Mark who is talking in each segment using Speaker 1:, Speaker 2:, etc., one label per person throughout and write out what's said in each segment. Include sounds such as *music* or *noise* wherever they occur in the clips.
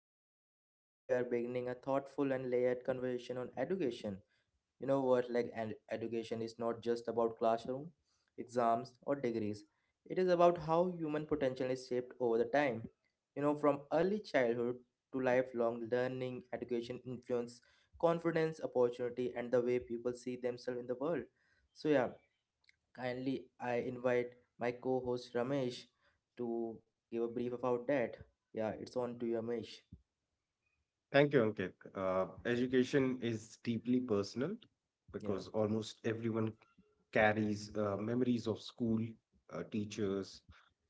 Speaker 1: Ankit, and today we are beginning a thoughtful and layered conversation on education. You know what? Like, and education is not just about classroom, exams, or degrees. It is about how human potential is shaped over the time. You know, from early childhood to lifelong learning, education influence confidence, opportunity, and the way people see themselves in the world. So yeah, kindly, I invite my co host Ramesh to give a brief about that. Yeah, it's on to you, Ramesh.
Speaker 2: Thank you, Ankit. Education is deeply personal
Speaker 1: Yeah,
Speaker 2: because almost everyone carries memories of school, teachers,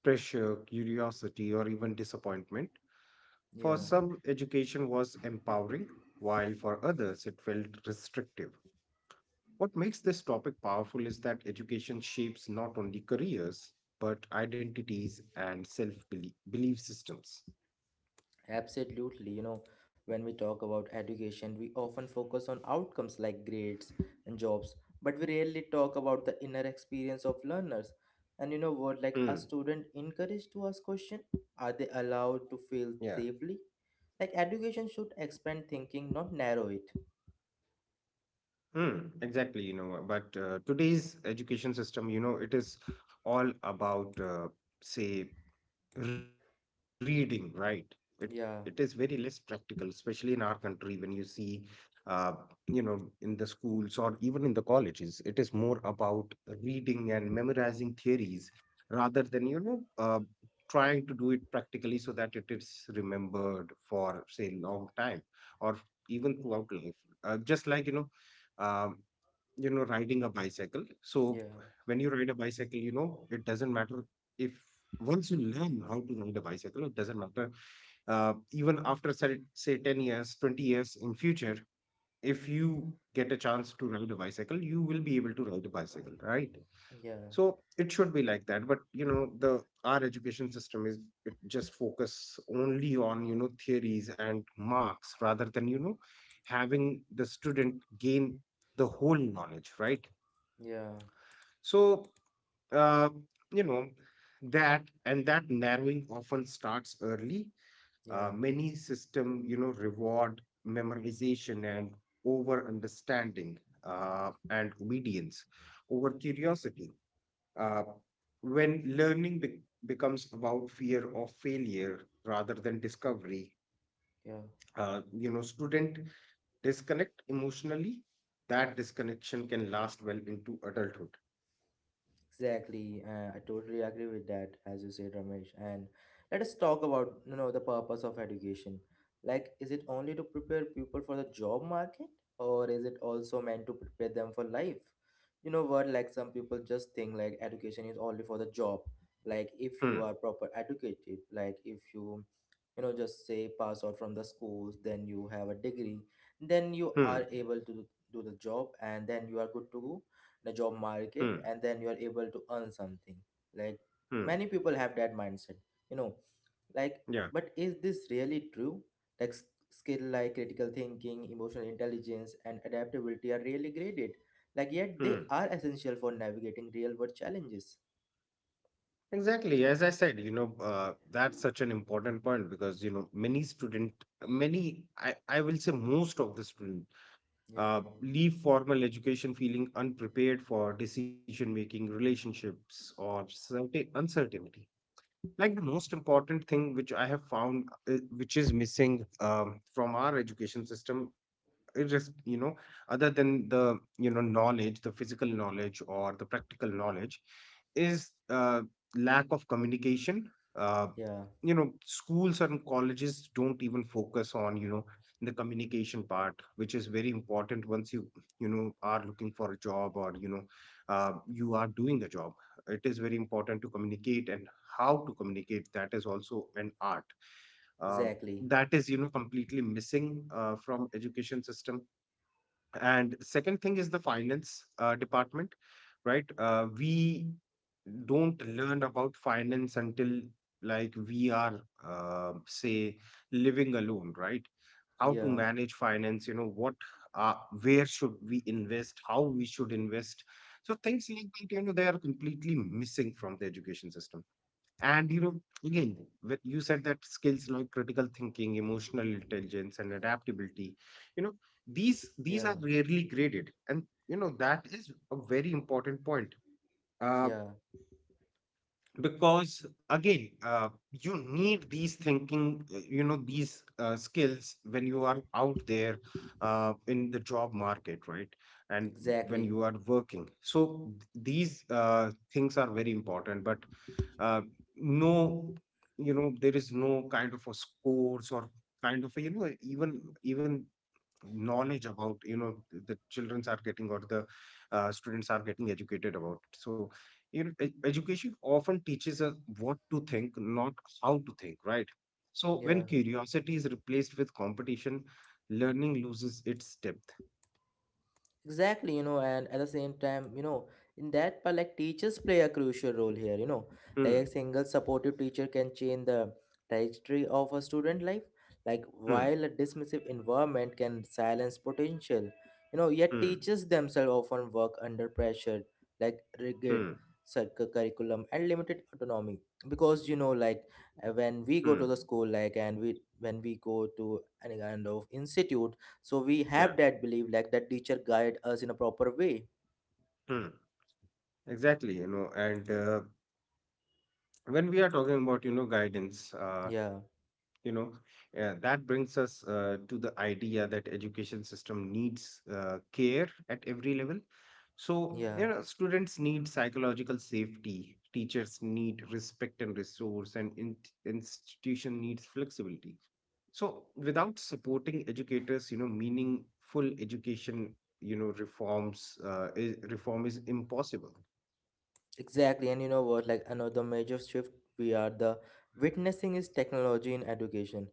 Speaker 2: pressure, curiosity, or even disappointment. For
Speaker 1: yeah,
Speaker 2: some, education was empowering, while for others, it felt restrictive. What makes this topic powerful is that education shapes not only careers, but identities and self belief systems.
Speaker 1: absolutely. You know, when we talk about education, we often focus on outcomes like grades and jobs, but we rarely talk about the inner experience of learners. And you know what, like a
Speaker 2: Mm.
Speaker 1: student encouraged to ask question, are they allowed
Speaker 2: Yeah.
Speaker 1: to fail safely? Like education should expand thinking, not narrow it.
Speaker 2: Hmm. Exactly, you know, but today's education system, you know, it is all about, say, reading, right. It it is very less
Speaker 1: Yeah,
Speaker 2: practical, especially in our country when you see uh, you know, in the schools or even in the colleges, it is more about reading and memorizing theories rather than, you know, trying to do it practically so that it is remembered for, say, long time or even throughout life. Just like, you know, um, you know, riding a bicycle. So
Speaker 1: yeah,
Speaker 2: when you ride a bicycle, you know, it doesn't matter if, once you learn how to ride a bicycle, it doesn't matter, even after, say, 10 years, 20 years in future, if you get a chance to ride a bicycle, you will be able to ride a bicycle, right?
Speaker 1: yeah.
Speaker 2: So it should be like that, but you know, the our education system is, it just focus only on, you know, theories and marks rather than, you know, having the student gain the whole knowledge, right?
Speaker 1: Yeah,
Speaker 2: So, uh, you know, that narrowing often starts early.
Speaker 1: yeah,
Speaker 2: Many system, you know, reward memorization and over understanding and obedience over curiosity. Uh, when learning becomes about fear of failure rather than discovery,
Speaker 1: yeah,
Speaker 2: you know, student disconnect emotionally. That disconnection can last well into adulthood.
Speaker 1: exactly. I totally agree with that, as you said, Ramesh. And let us talk about, you know, the purpose of education. Like, is it only to prepare people for the job market, or is it also meant to prepare them for life? You know what? Like, some people just think like education is only for the job. Like, if you are
Speaker 2: Hmm.
Speaker 1: proper educated, like if you, you know, just say pass out from the schools, then you have a degree, then you
Speaker 2: Hmm.
Speaker 1: are able to do the job, and then you are good to go in a job market
Speaker 2: Hmm.
Speaker 1: and then you are able to earn something like
Speaker 2: Hmm.
Speaker 1: many people have that mindset, you know. Like,
Speaker 2: Yeah.
Speaker 1: but is this really true? Like skill like critical thinking, emotional intelligence, and adaptability are really graded, like yet
Speaker 2: Hmm.
Speaker 1: they are essential for navigating real world challenges.
Speaker 2: Exactly. As I said, you know, that's such an important point because, you know, many, I will say most of the student
Speaker 1: Yeah,
Speaker 2: leave formal education feeling unprepared for decision making, relationships, or certain uncertainty. Like the most important thing which I have found, which is missing from our education system, just, you know, other than the, you know, knowledge, the physical knowledge or the practical knowledge, is lack of communication. uh,
Speaker 1: yeah,
Speaker 2: you know, schools and colleges don't even focus on, you know, the communication part, which is very important once you, you know, are looking for a job, or, you know, you are doing a job. It is very important to communicate, and how to communicate, that is also an art. Um
Speaker 1: exactly.
Speaker 2: that is, you know, completely missing from education system. And second thing is the finance department, right? We don't learn about finance until, like, we are, say, living alone, right? How to
Speaker 1: Yeah,
Speaker 2: manage finance, you know what, uh, where should we invest, how we should invest. So things like that, you know, they are completely missing from the education system. And you know, again, when you said that skills like critical thinking, emotional intelligence, and adaptability, you know, these
Speaker 1: yeah,
Speaker 2: are rarely graded, and you know, that is a very important point. Uh,
Speaker 1: yeah,
Speaker 2: because again, you need these thinking, you know, these skills when you are out there in the job market, right? And when
Speaker 1: exactly.
Speaker 2: you are working, so these things are very important, but uh, no, you know, there is no kind of a scores or kind of a, you know, even knowledge about, you know, the childrens are getting, or the students are getting educated about it. So you know, education often teaches us what to think, not how to think, right? So
Speaker 1: Yeah,
Speaker 2: when curiosity is replaced with competition, learning loses its depth.
Speaker 1: exactly. You know, and at the same time, you know, in that part, like teachers play a crucial role here, you know. Like a
Speaker 2: Hmm.
Speaker 1: single supportive teacher can change the trajectory of a student life, like
Speaker 2: Hmm.
Speaker 1: while a dismissive environment can silence potential. You know, yet
Speaker 2: Hmm.
Speaker 1: teachers themselves often work under pressure, like rigid
Speaker 2: Hmm.
Speaker 1: curriculum and limited autonomy. Because, you know, like when we go to
Speaker 2: Hmm.
Speaker 1: the school, like, and we when we go to any kind of institute, so we
Speaker 2: Yeah.
Speaker 1: have that belief like that teacher guide us in a proper way.
Speaker 2: Hmm. Exactly. You know, and when we are talking about, you know, guidance,
Speaker 1: Yeah,
Speaker 2: you know, that brings us to the idea that education system needs care at every level. So
Speaker 1: yeah,
Speaker 2: you know, students need psychological safety, teachers need respect and resource, and institution needs flexibility. So without supporting educators, you know, meaningful education, you know, reform is impossible.
Speaker 1: exactly. And you know what, like another major shift we are the witnessing is technology in education.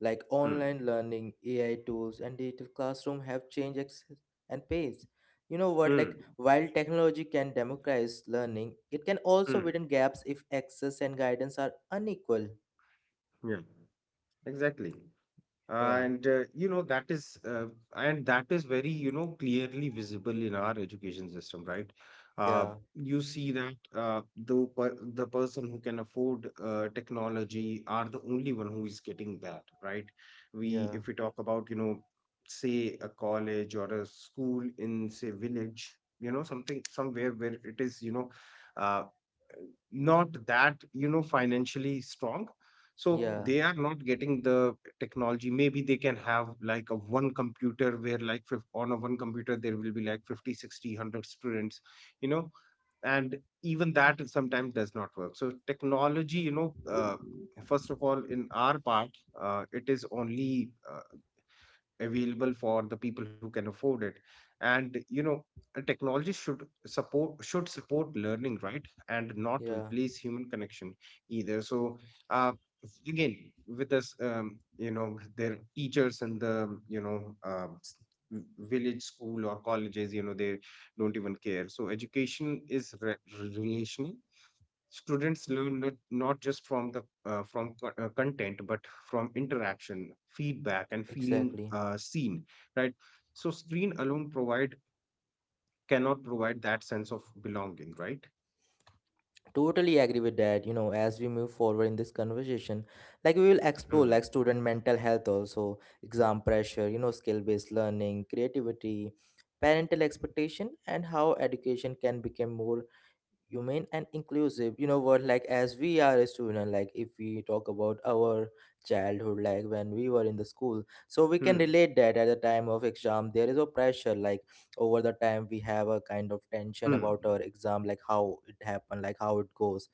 Speaker 1: Like
Speaker 2: Hmm.
Speaker 1: online learning, AI tools, and digital classroom have changed access and pace. You know what, like
Speaker 2: Hmm.
Speaker 1: while technology can democratize learning, it can also
Speaker 2: Hmm.
Speaker 1: widen gaps if access and guidance are unequal.
Speaker 2: Yeah. Exactly.
Speaker 1: Yeah,
Speaker 2: And you know, that is very, you know, clearly visible in our education system, right? uh,
Speaker 1: yeah,
Speaker 2: you see that, the person who can afford technology are the only one who is getting that, right? we
Speaker 1: yeah,
Speaker 2: If we talk about, you know, say a college or a school in, say, village, you know, something somewhere where it is, you know, uh, not that, you know, financially strong, so
Speaker 1: yeah,
Speaker 2: they are not getting the technology. Maybe they can have like a one computer, where like on a one computer there will be like 50 sixty one hundred students, you know. And even that sometimes does not work. So technology, you know, first of all, in our part, it is only available for the people who can afford it. And you know, technology should support learning, right? And not
Speaker 1: yeah,
Speaker 2: replace human connection either. So uh, again, with us, you know, their teachers, and the, you know, v- village school or colleges, you know, they don't even care. So education is relational. Students learn not just from the content, but from interaction, feedback, and feeling
Speaker 1: exactly.
Speaker 2: seen, right? So screen alone provide cannot provide that sense of belonging, right?
Speaker 1: Totally agree with that. You know, as we move forward in this conversation, like we will explore
Speaker 2: Hmm.
Speaker 1: like student mental health, also exam pressure, you know, skill based learning, creativity, parental expectation, and how education can become more humane and inclusive. You know what, like as we are a student, like if we talk about our childhood, like when we were in the school, so we can
Speaker 2: Hmm.
Speaker 1: relate that at the time of exam there is a pressure, like over the time we have a kind of tension
Speaker 2: Hmm.
Speaker 1: about our exam, like how it happened, like how it goes,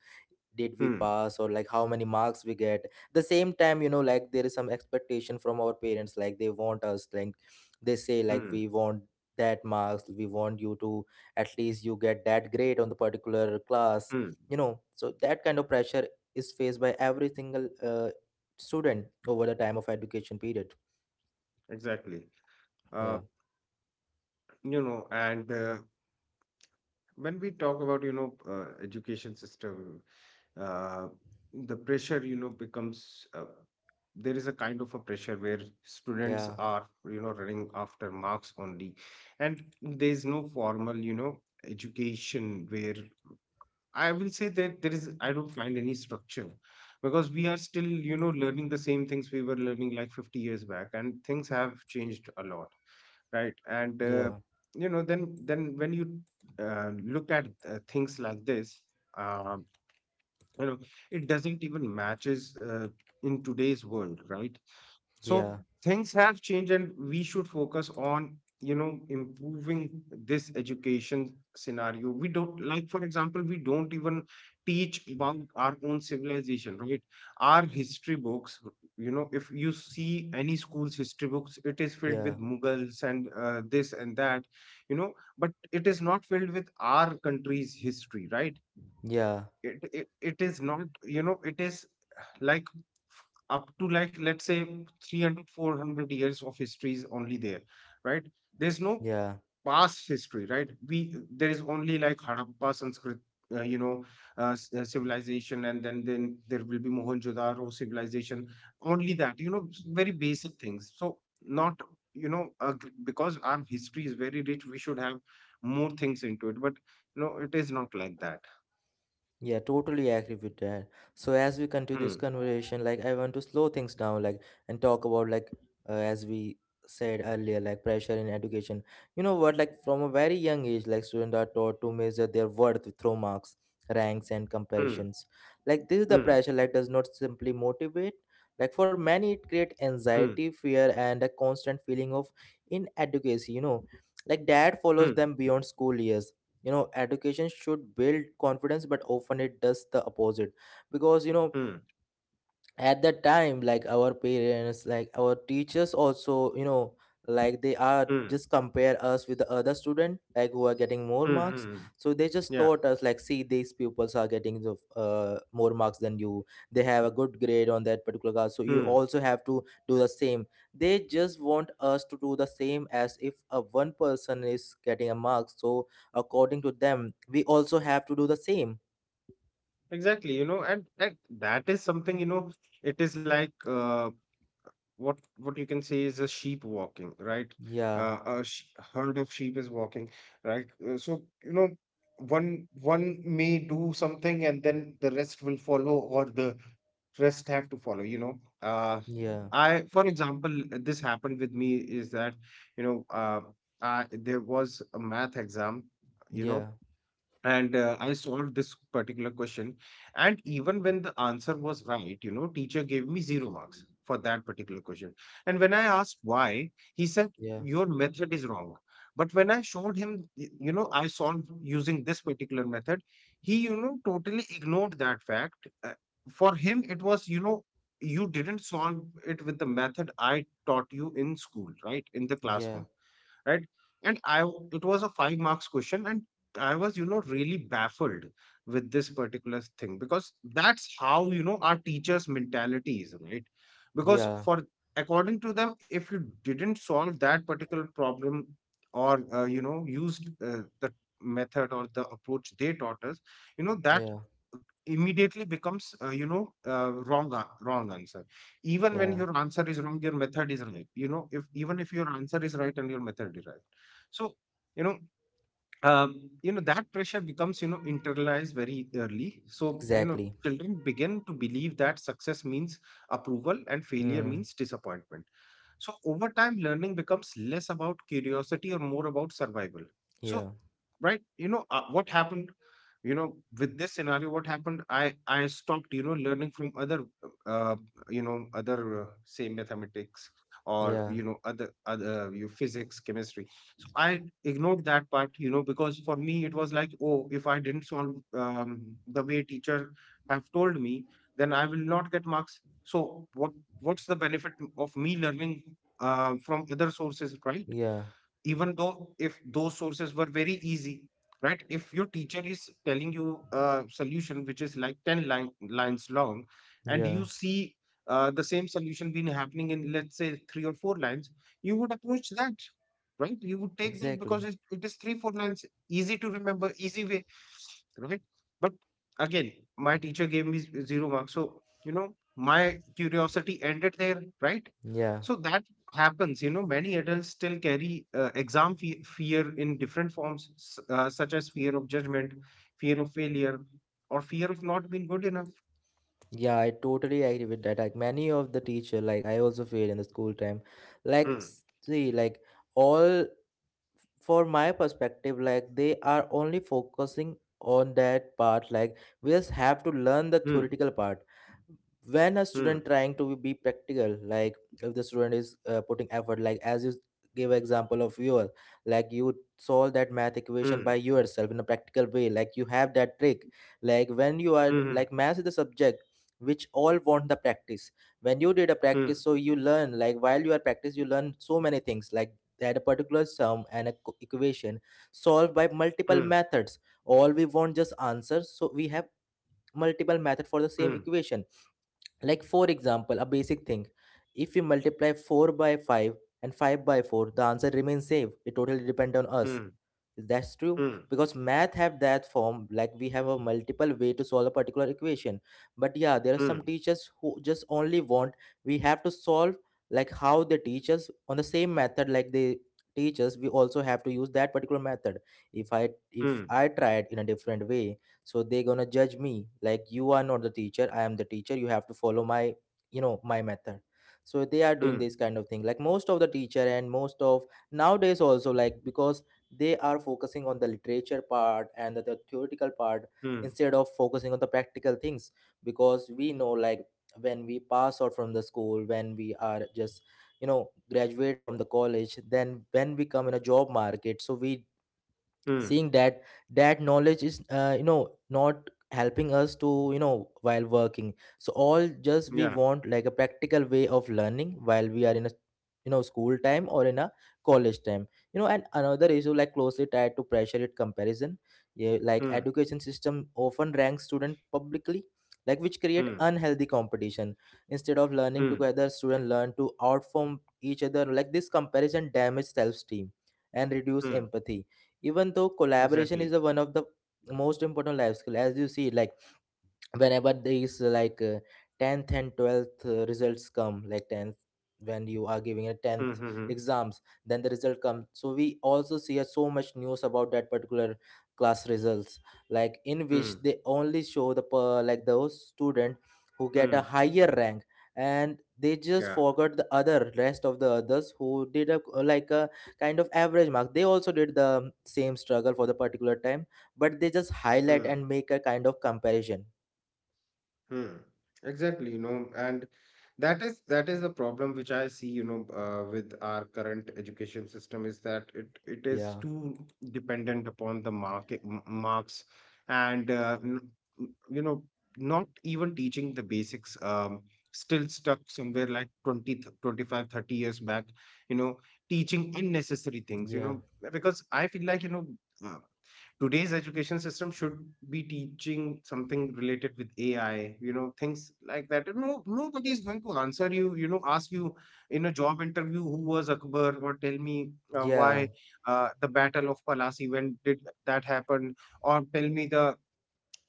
Speaker 1: did we
Speaker 2: Hmm.
Speaker 1: pass, or like how many marks we get. The same time, you know, like there is some expectation from our parents, like they want us, like they say, like
Speaker 2: Hmm.
Speaker 1: we want that marks, we want you to at least you get that grade on the particular class,
Speaker 2: Hmm.
Speaker 1: you know. So that kind of pressure is faced by every single student over the time of education period.
Speaker 2: Exactly. uh,
Speaker 1: Yeah,
Speaker 2: you know, and when we talk about, you know, education system, uh, the pressure you know becomes there is a kind of a pressure where students
Speaker 1: yeah,
Speaker 2: are, you know, running after marks only. And there is no formal, you know, education where, I will say that there is, I don't find any structure, because we are still, you know, learning the same things we were learning like 50 years back, and things have changed a lot, right? And,
Speaker 1: yeah,
Speaker 2: you know, then when you look at things like this, um, you know, it doesn't even matches in today's world, right? So
Speaker 1: yeah,
Speaker 2: things have changed, and we should focus on, you know, improving this education scenario. We don't like, For example, we don't even teach about our own civilization, right? Our history books, you know, if you see any school's history books, it is filled
Speaker 1: yeah,
Speaker 2: with Mughals and this and that, you know, but it is not filled with our country's history, right?
Speaker 1: yeah,
Speaker 2: It is not, you know, it is like, up to like, let's say, 300 400 years of history is only there, right? There's no
Speaker 1: yeah.
Speaker 2: past history, right? we There is only like Harappa, Sanskrit, you know, civilization, and then there will be Mohenjo-daro civilization. Only that, you know, very basic things. So not, you know, because our history is very rich, we should have more things into it, but no, it is not like that.
Speaker 1: Yeah, totally agree with that. So as we continue this
Speaker 2: Hmm.
Speaker 1: conversation, like I want to slow things down, like and talk about like as we said earlier, like pressure in education. You know what? Like from a very young age, like students are taught to measure their worth through marks, ranks, and
Speaker 2: Hmm.
Speaker 1: comparisons. Like this is the
Speaker 2: Mm.
Speaker 1: pressure like does not simply motivate. Like for many, it creates
Speaker 2: Mm.
Speaker 1: anxiety, fear, and a constant feeling of inadequacy. You know, like that follows
Speaker 2: Mm.
Speaker 1: them beyond school years. You know, education should build confidence but often it does the opposite, because, you know,
Speaker 2: Mm.
Speaker 1: at that time, like our parents, like our teachers also, you know, like they are
Speaker 2: Mm.
Speaker 1: just compare us with the other student like who are getting more
Speaker 2: Mm.
Speaker 1: marks.
Speaker 2: Mm.
Speaker 1: So they just
Speaker 2: Yeah.
Speaker 1: taught us like see these pupils are getting the more marks than you, they have a good grade on that particular class, so you
Speaker 2: Mm.
Speaker 1: also have to do the same. They just want us to do the same as if a one person is getting a mark, so according to them we also have to do the same.
Speaker 2: Exactly, you know, and that is something, you know, it is like what you can say is a sheep walking, right?
Speaker 1: Yeah,
Speaker 2: A herd of sheep is walking, right? So you know, one may do something and then the rest will follow, or the rest have to follow, you know.
Speaker 1: yeah,
Speaker 2: I For example, this happened with me is that, you know, I there was a math exam, you know.
Speaker 1: yeah,
Speaker 2: And I solved this particular question, and even when the answer was right, you know, teacher gave me 0 marks for that particular question. And when I asked why, he said,
Speaker 1: yeah,
Speaker 2: your method is wrong. But when I showed him, you know, I solved using this particular method, he, you know, totally ignored that fact. For him, it was, you know, you didn't solve it with the method I taught you in school, right, in the
Speaker 1: yeah.
Speaker 2: classroom, right? And it was a 5 marks question, and I was, you know, really baffled with this particular thing, because that's how, you know, our teachers' mentality is, right? Because
Speaker 1: Yeah,
Speaker 2: for according to them, if you didn't solve that particular problem or you know, used the method or the approach they taught us, you know that
Speaker 1: yeah,
Speaker 2: immediately becomes wrong wrong answer. Even when
Speaker 1: yeah,
Speaker 2: your answer is wrong, your method is right, you know, if even if your answer is right and your method is right. So you know um, you know, that pressure becomes, you know, internalized very early. So, you know,
Speaker 1: exactly.
Speaker 2: children begin to believe that success means approval and failure
Speaker 1: Hmm.
Speaker 2: means disappointment. So over time, learning becomes less about curiosity or more about survival.
Speaker 1: Yeah,
Speaker 2: So, right, what happened, you know, with this scenario? What happened? I stopped, you know, learning from other— uh, you know, other, say, mathematics, or
Speaker 1: yeah,
Speaker 2: you know, other you physics, chemistry. So I ignored that part, you know, because for me it was like, oh, if I didn't solve the way teacher have told me, then I will not get marks. So what— what's the benefit of me learning from other sources, right?
Speaker 1: yeah,
Speaker 2: Even though if those sources were very easy, right? If your teacher is telling you a solution which is like 10 line, lines long, and you
Speaker 1: yeah,
Speaker 2: see the same solution been happening in let's say 3 or 4 lines, you would approach that, right? You would take that because
Speaker 1: exactly.
Speaker 2: it is 3 4 lines, easy to remember, easy way, right? But again, my teacher gave me zero marks. So, you know, my curiosity ended there, right?
Speaker 1: Yeah,
Speaker 2: So that happens, you know. Many adults still carry exam fear in different forms, such as fear of judgment, fear of failure, or fear of not being good enough.
Speaker 1: yeah, I totally agree with that. Like many of the teacher, like I also feel in the school time, like
Speaker 2: Hmm,
Speaker 1: see, like all for my perspective, like they are only focusing on that part. Like we just have to learn the
Speaker 2: hmm,
Speaker 1: theoretical part. When a
Speaker 2: hmm,
Speaker 1: student trying to be practical, like if the student is putting effort, like as you give example of yours, like you solve that math equation
Speaker 2: hmm,
Speaker 1: by yourself in a practical way, like you have that trick. Like when you are
Speaker 2: hmm,
Speaker 1: like math is the subject which all want the practice, when you did a
Speaker 2: hmm,
Speaker 1: practice so you learn, like while you are practice you learn so many things like that a particular sum and a equation solved by multiple
Speaker 2: hmm,
Speaker 1: methods. All we want just answers, so we have multiple method for the same
Speaker 2: hmm,
Speaker 1: equation. Like for example, a basic thing, if we multiply 4 by 5 and 5 by 4, the answer remains same, it totally depend on us.
Speaker 2: hmm,
Speaker 1: That's true,
Speaker 2: hmm,
Speaker 1: because math have that form, like we have a multiple way to solve a particular equation. But yeah, there are some
Speaker 2: hmm,
Speaker 1: teachers who just only want, we have to solve like how they teach us on the same method, like they teach us we also have to use that particular method. if i if
Speaker 2: hmm,
Speaker 1: i tried in a different way, so they're gonna judge me like, you are not the teacher, I am the teacher, you have to follow my, you know, my method. So they are doing
Speaker 2: hmm,
Speaker 1: this kind of thing, like most of the teacher and most of nowadays also, like because they are focusing on the literature part and the theoretical part,
Speaker 2: hmm,
Speaker 1: instead of focusing on the practical things. Because we know, like when we pass out from the school, when we are just, you know, graduate from the college, then when we come in a job market, so we
Speaker 2: hmm.
Speaker 1: seeing that knowledge is, you know, not helping us to, you know, while working. So all just we
Speaker 2: Yeah.
Speaker 1: want like a practical way of learning while we are in a, you know, school time or in a college time. You know, and another issue, like closely tied to pressure it comparison. Yeah, like
Speaker 2: Hmm.
Speaker 1: education system often ranks student publicly, like which create
Speaker 2: Hmm.
Speaker 1: unhealthy competition. Instead of learning
Speaker 2: Hmm.
Speaker 1: together, students learn to outperform each other. Like this comparison damage self-esteem and reduce
Speaker 2: Hmm.
Speaker 1: empathy, even though collaboration is
Speaker 2: Exactly.
Speaker 1: the one of the most important life skill. As you see, like whenever these 10th and 12th results come, like 10th when you are giving a
Speaker 2: Hmm,
Speaker 1: 10th
Speaker 2: hmm, hmm.
Speaker 1: exams, then the result comes, so we also see so much news about that particular class results, like in which
Speaker 2: Hmm,
Speaker 1: they only show the like those student who get a
Speaker 2: hmm.
Speaker 1: higher rank, and they just
Speaker 2: Yeah.
Speaker 1: forgot the other rest of the others who did a like a kind of average mark, they also did the same struggle for the particular time, but they just highlight
Speaker 2: Hmm,
Speaker 1: and make a kind of comparison.
Speaker 2: hmm. Exactly, you know, and that is the problem which I see, you know, with our current education system, is that it is
Speaker 1: Yeah,
Speaker 2: too dependent upon the market marks, and you know, not even teaching the basics. Still stuck somewhere like 20 th- 25 30 years back, you know, teaching unnecessary things, you
Speaker 1: yeah,
Speaker 2: know, because I feel like, you know, uh, today's education system should be teaching something related with AI, you know, things like that. No, nobody is going to answer you, you know, ask you in a job interview who was Akbar, or tell me
Speaker 1: yeah,
Speaker 2: why the Battle of Palasi, when did that happen, or tell me the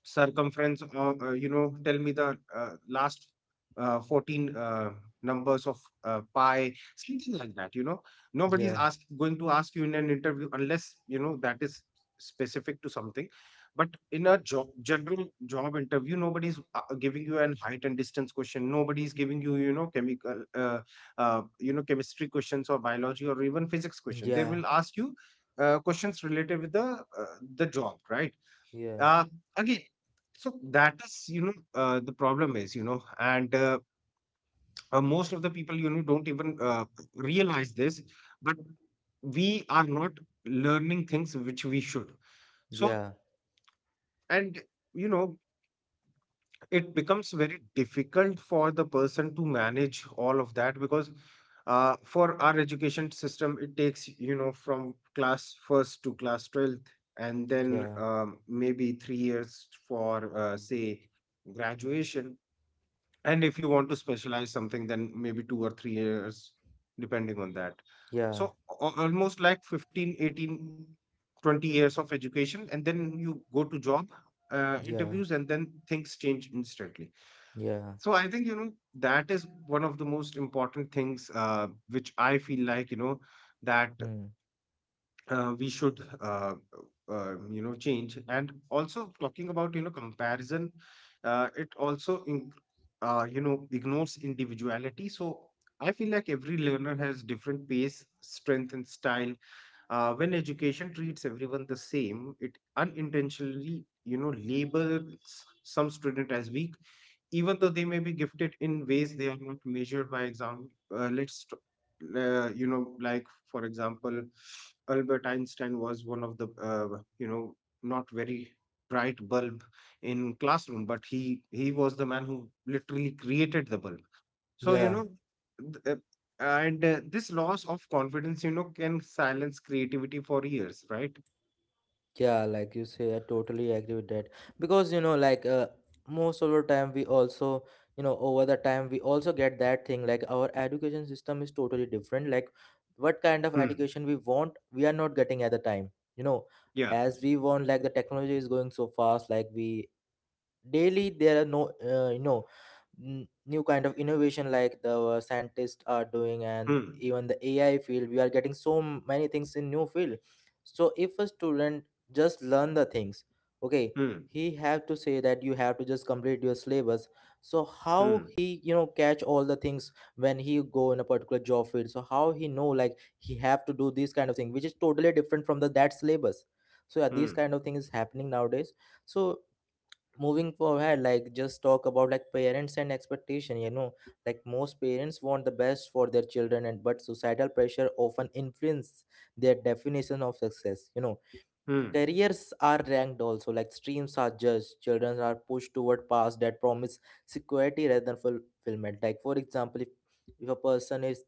Speaker 2: circumference, or you know, tell me the last 14 numbers of pi, something like that, you know. Nobody is
Speaker 1: yeah,
Speaker 2: ask, going to ask you in an interview unless you know that is specific to something. But in a job, general job interview, nobody's giving you an height and distance question, nobody's giving you, you know, chemical you know, chemistry questions, or biology, or even physics question. They
Speaker 1: yeah,
Speaker 2: will ask you questions related with uh, the job, right?
Speaker 1: yeah,
Speaker 2: uh, Again, so that is, you know, the problem is, you know, and most of the people, you know, don't even realize this, but we are not learning things which we should. So,
Speaker 1: yeah,
Speaker 2: and, you know, it becomes very difficult for the person to manage all of that, because for our education system, it takes, you know, from class first to class 12th, and then
Speaker 1: yeah,
Speaker 2: maybe 3 years for, say, graduation, and if you want to specialize something, then maybe 2 or 3 years, depending on that.
Speaker 1: yeah,
Speaker 2: So almost like 15, 18, 20 years of education, and then you go to job
Speaker 1: yeah,
Speaker 2: interviews, and then things change instantly.
Speaker 1: yeah,
Speaker 2: So I think, you know, that is one of the most important things which I feel like, you know, that
Speaker 1: mm,
Speaker 2: we should, you know, change. And also talking about, you know, comparison, it also, in, you know, ignores individuality. So I feel like every learner has different pace, strength, and style. When education treats everyone the same, it unintentionally, you know, labels some student as weak, even though they may be gifted in ways they are not measured by exam. uh, let's t- you know, like for example, Albert Einstein was one of the, you know, not very bright bulb in classroom, but he was the man who literally created the bulb. So you
Speaker 1: yeah,
Speaker 2: know, th- and this loss of confidence, you know, can silence creativity for years, right?
Speaker 1: yeah. Like you say, I totally agree with that, because you know, like most of the time we also, you know, over the time we also get that thing like our education system is totally different. Like what kind of
Speaker 2: Hmm.
Speaker 1: education we want, we are not getting at the time. You know,
Speaker 2: Yeah. Hmm.
Speaker 1: as we want, like the technology is going so fast, like we daily there are no, you know new kind of innovation like the scientists are doing. And
Speaker 2: Hmm.
Speaker 1: even the ai field, we are getting so many things in new field. So if a student just learn the things, okay,
Speaker 2: Hmm.
Speaker 1: he have to say that you have to just complete your syllabus. So how
Speaker 2: Hmm.
Speaker 1: he, you know, catch all the things when he go in a particular job field? So how he know like he have to do this kind of thing which is totally different from the that syllabus. So yeah, these
Speaker 2: Hmm.
Speaker 1: kind of things happening nowadays. So moving forward, like just talk about like parents and expectation, you know, like most parents want the best for their children, and but societal pressure often influence their definition of success, you know. Careers are ranked also, like streams are judged, children are pushed toward paths that promise security rather than fulfillment. Like for example, if a person is,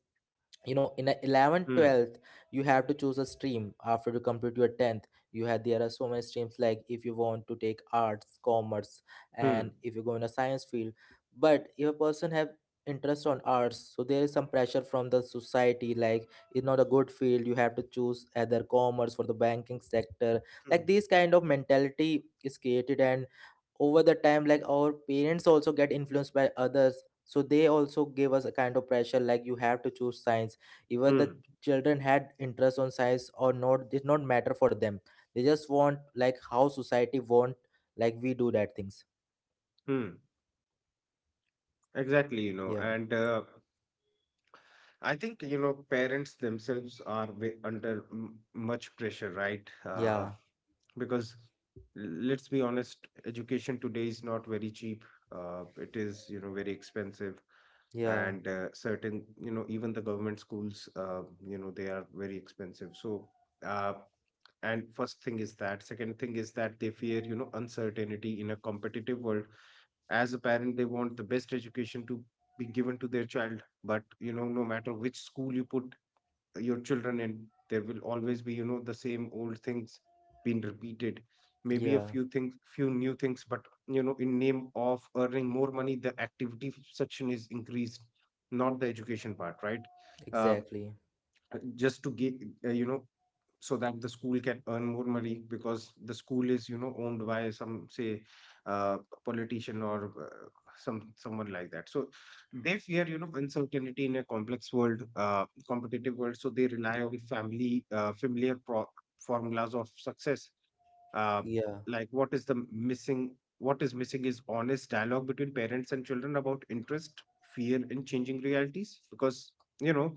Speaker 1: you know, in a 11th
Speaker 2: Hmm.
Speaker 1: 12th, you have to choose a stream after you complete your 10th. You had, there are so many streams, like if you want to take arts, commerce, and
Speaker 2: Hmm.
Speaker 1: if you go in a science field. But if a person have interest on arts, so there is some pressure from the society, like it's not a good field, you have to choose either commerce for the banking sector.
Speaker 2: Mm,
Speaker 1: Like this kind of mentality is created, and over the time, like our parents also get influenced by others, so they also give us a kind of pressure like you have to choose science. Even the
Speaker 2: mm,
Speaker 1: children had interest on science or not, did not matter for them. They just want like how society want, like we do that things.
Speaker 2: mm. Exactly, you know,
Speaker 1: Yeah,
Speaker 2: and I think, you know, parents themselves are under m much pressure, right?
Speaker 1: yeah,
Speaker 2: Because let's be honest, education today is not very cheap. It is, you know, very expensive,
Speaker 1: yeah,
Speaker 2: and certain, you know, even the government schools, you know, they are very expensive. So, uh, and first thing is that. Second thing is that they fear, you know, uncertainty in a competitive world. As a parent, they want the best education to be given to their child, but you know, no matter which school you put your children in, there will always be, you know, the same old things being repeated. Maybe a
Speaker 1: yeah.
Speaker 2: few things, few new things, but you know, in name of earning more money, the activity section is increased, not the education part, right? uh,
Speaker 1: Exactly.
Speaker 2: just to get you know, so that the school can earn more money, because the school is, you know, owned by some, say, uh, politician, or some, someone like that. So they fear, you know, uncertainty in a complex world, competitive world, so they rely on family, familiar formulas of success. uh,
Speaker 1: Yeah,
Speaker 2: like, what is the missing, what is missing is honest dialogue between parents and children about interest, fear, and changing realities, because you know,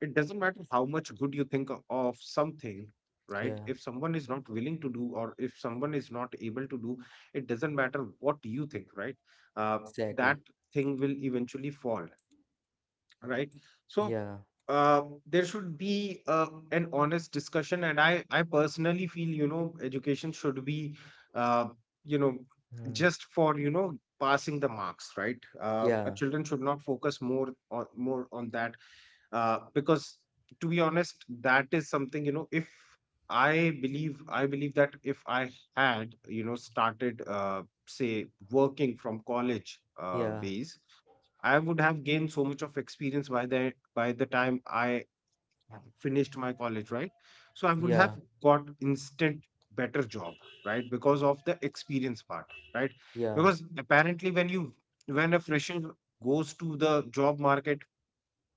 Speaker 2: it doesn't matter how much good you think of something, right?
Speaker 1: yeah.
Speaker 2: If someone is not willing to do, or if someone is not able to do, it doesn't matter what you think, right? uh, that
Speaker 1: Exactly.
Speaker 2: thing will eventually fall, right? So,
Speaker 1: Yeah.
Speaker 2: there should be an honest discussion. And I personally feel, you know, education should be, uh, you know,
Speaker 1: Mm.
Speaker 2: just for, you know, passing the marks, right? Our
Speaker 1: Yeah.
Speaker 2: children should not focus more on that, because to be honest, that is something, you know. If I believe that if I had, you know, started, say, working from college,
Speaker 1: Yeah.
Speaker 2: days, I would have gained so much of experience by the time I finished my college, right? So I would have
Speaker 1: Yeah.
Speaker 2: got instant better job, right? Because of the experience part, right?
Speaker 1: Yeah.
Speaker 2: Because apparently when a fresher goes to the job market,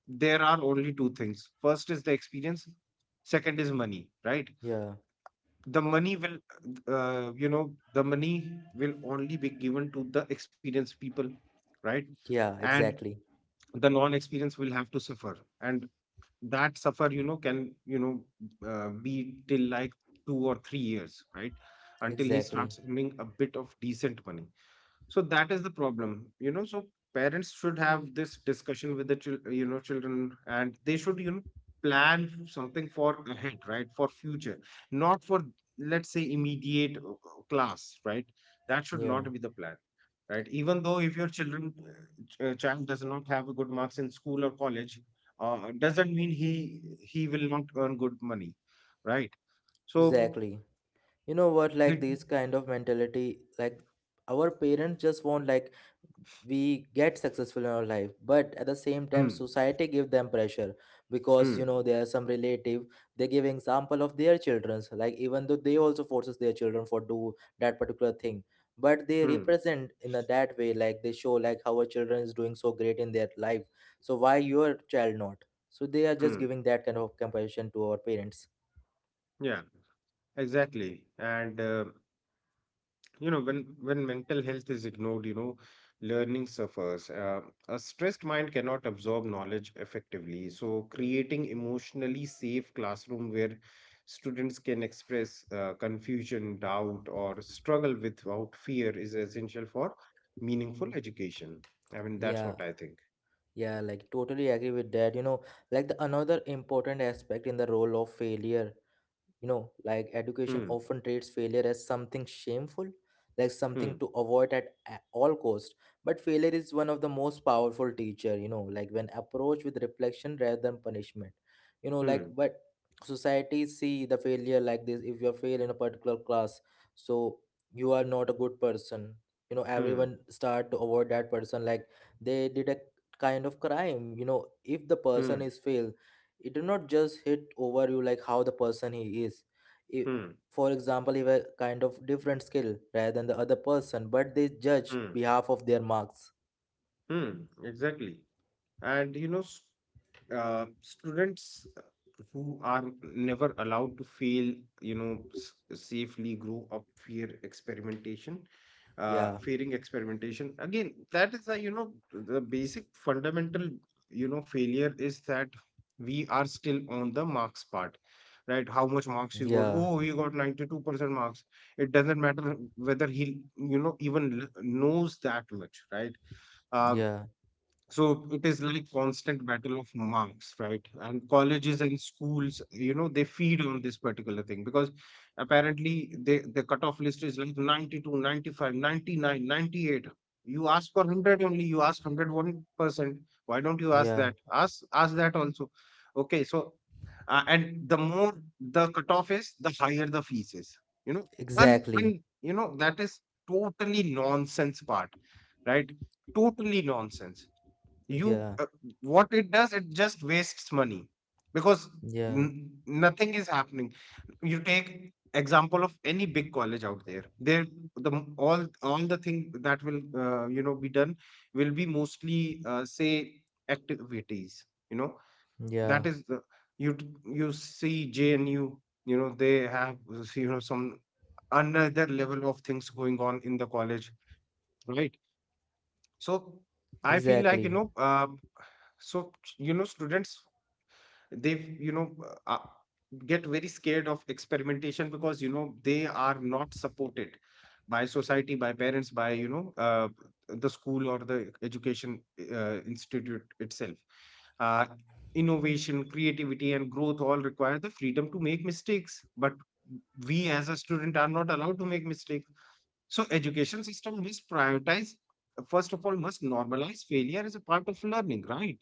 Speaker 2: there are only two things. First is the experience, second is money, right?
Speaker 1: Yeah.
Speaker 2: The money will, you know, the money will only be given to the experienced people, right?
Speaker 1: Yeah.
Speaker 2: And
Speaker 1: Exactly.
Speaker 2: the non-experience will have to suffer, and that suffer, you know, can, you know, be till like 2 or 3 years, right, until he
Speaker 1: Exactly.
Speaker 2: starts earning a bit of decent money. So that is the problem, you know. So parents should have this discussion with the you know, children, and they should, you know, plan something for ahead, right, for future, not for, let's say, immediate class, right? That should
Speaker 1: Yeah.
Speaker 2: not be the plan, right? Even though if your children child does not have a good marks in school or college, doesn't mean he will not earn good money, right? So
Speaker 1: Exactly. You know what? Like
Speaker 2: it,
Speaker 1: this kind of mentality, like our parents just want like we get successful in our life, but at the same time
Speaker 2: mm,
Speaker 1: society give them pressure. Because
Speaker 2: mm,
Speaker 1: you know there are some relative, they give example of their children's, like even though they also forces their children for do that particular thing, but they
Speaker 2: mm,
Speaker 1: represent in a that way, like they show like how our children is doing so great in their life, so why your child not? So they are just
Speaker 2: mm,
Speaker 1: giving that kind of comparison to our parents.
Speaker 2: yeah, exactly, and. You know, when mental health is ignored, you know, learning suffers. A stressed mind cannot absorb knowledge effectively. So creating emotionally safe classroom where students can express confusion, doubt, or struggle without fear is essential for meaningful education. I mean, that's
Speaker 1: Yeah,
Speaker 2: what I think.
Speaker 1: yeah, like totally agree with that, you know. Like the another important aspect in the role of failure, you know, like education
Speaker 2: Hmm.
Speaker 1: often treats failure as something shameful, like something
Speaker 2: Hmm.
Speaker 1: to avoid at all cost. But failure is one of the most powerful teacher, you know, like when approached with reflection rather than punishment. You know, like,
Speaker 2: Hmm.
Speaker 1: but society see the failure like this: if you fail in a particular class, so you are not a good person. You know,
Speaker 2: Hmm.
Speaker 1: everyone start to avoid that person like they did a kind of crime. You know, if the person
Speaker 2: Hmm.
Speaker 1: is failed, it did not just hit over you like how the person he is. If,
Speaker 2: Hmm.
Speaker 1: for example, he have a kind of different skill rather than the other person, but they judge
Speaker 2: Hmm,
Speaker 1: behalf of their marks.
Speaker 2: hmm. Exactly. And you know, students who are never allowed to fail, you know, safely grow up fear experimentation,
Speaker 1: Yeah,
Speaker 2: fearing experimentation. Again, that is a, you know, the basic fundamental. You know, failure is that we are still on the marks part, right? How much marks you got?
Speaker 1: yeah,
Speaker 2: Oh, he got 92% marks. It doesn't matter whether he, you know, even knows that much, right? um,
Speaker 1: yeah,
Speaker 2: so it is like constant battle of marks, right? And colleges and schools, you know, they feed on this particular thing, because apparently they the cutoff list is like 92 95 99 98. You ask for 100 only, you ask 101%. Why don't you ask
Speaker 1: yeah,
Speaker 2: that? Ask that also. Okay, so and the more the cutoff is, the higher the fees is, you know. and,
Speaker 1: exactly.
Speaker 2: and you know that is totally nonsense part, right? Totally nonsense. You
Speaker 1: Yeah,
Speaker 2: What it does, it just wastes money, because
Speaker 1: yeah,
Speaker 2: nothing is happening. You take example of any big college out there, there the m- all the thing that will, you know, be done will be mostly, say, activities, you know.
Speaker 1: yeah,
Speaker 2: That is the— you see JNU, you know, they have, you know, some another level of things going on in the college, right? So I feel like, you
Speaker 1: exactly.
Speaker 2: know, so you know, students, they, you know, get very scared of experimentation because, you know, they are not supported by society, by parents, by, you know, the school or the education institute itself. uh, Innovation, creativity and growth all require the freedom to make mistakes, but we as a student are not allowed to make mistakes. So education system must prioritize— first of all must normalize failure as a part of learning, right?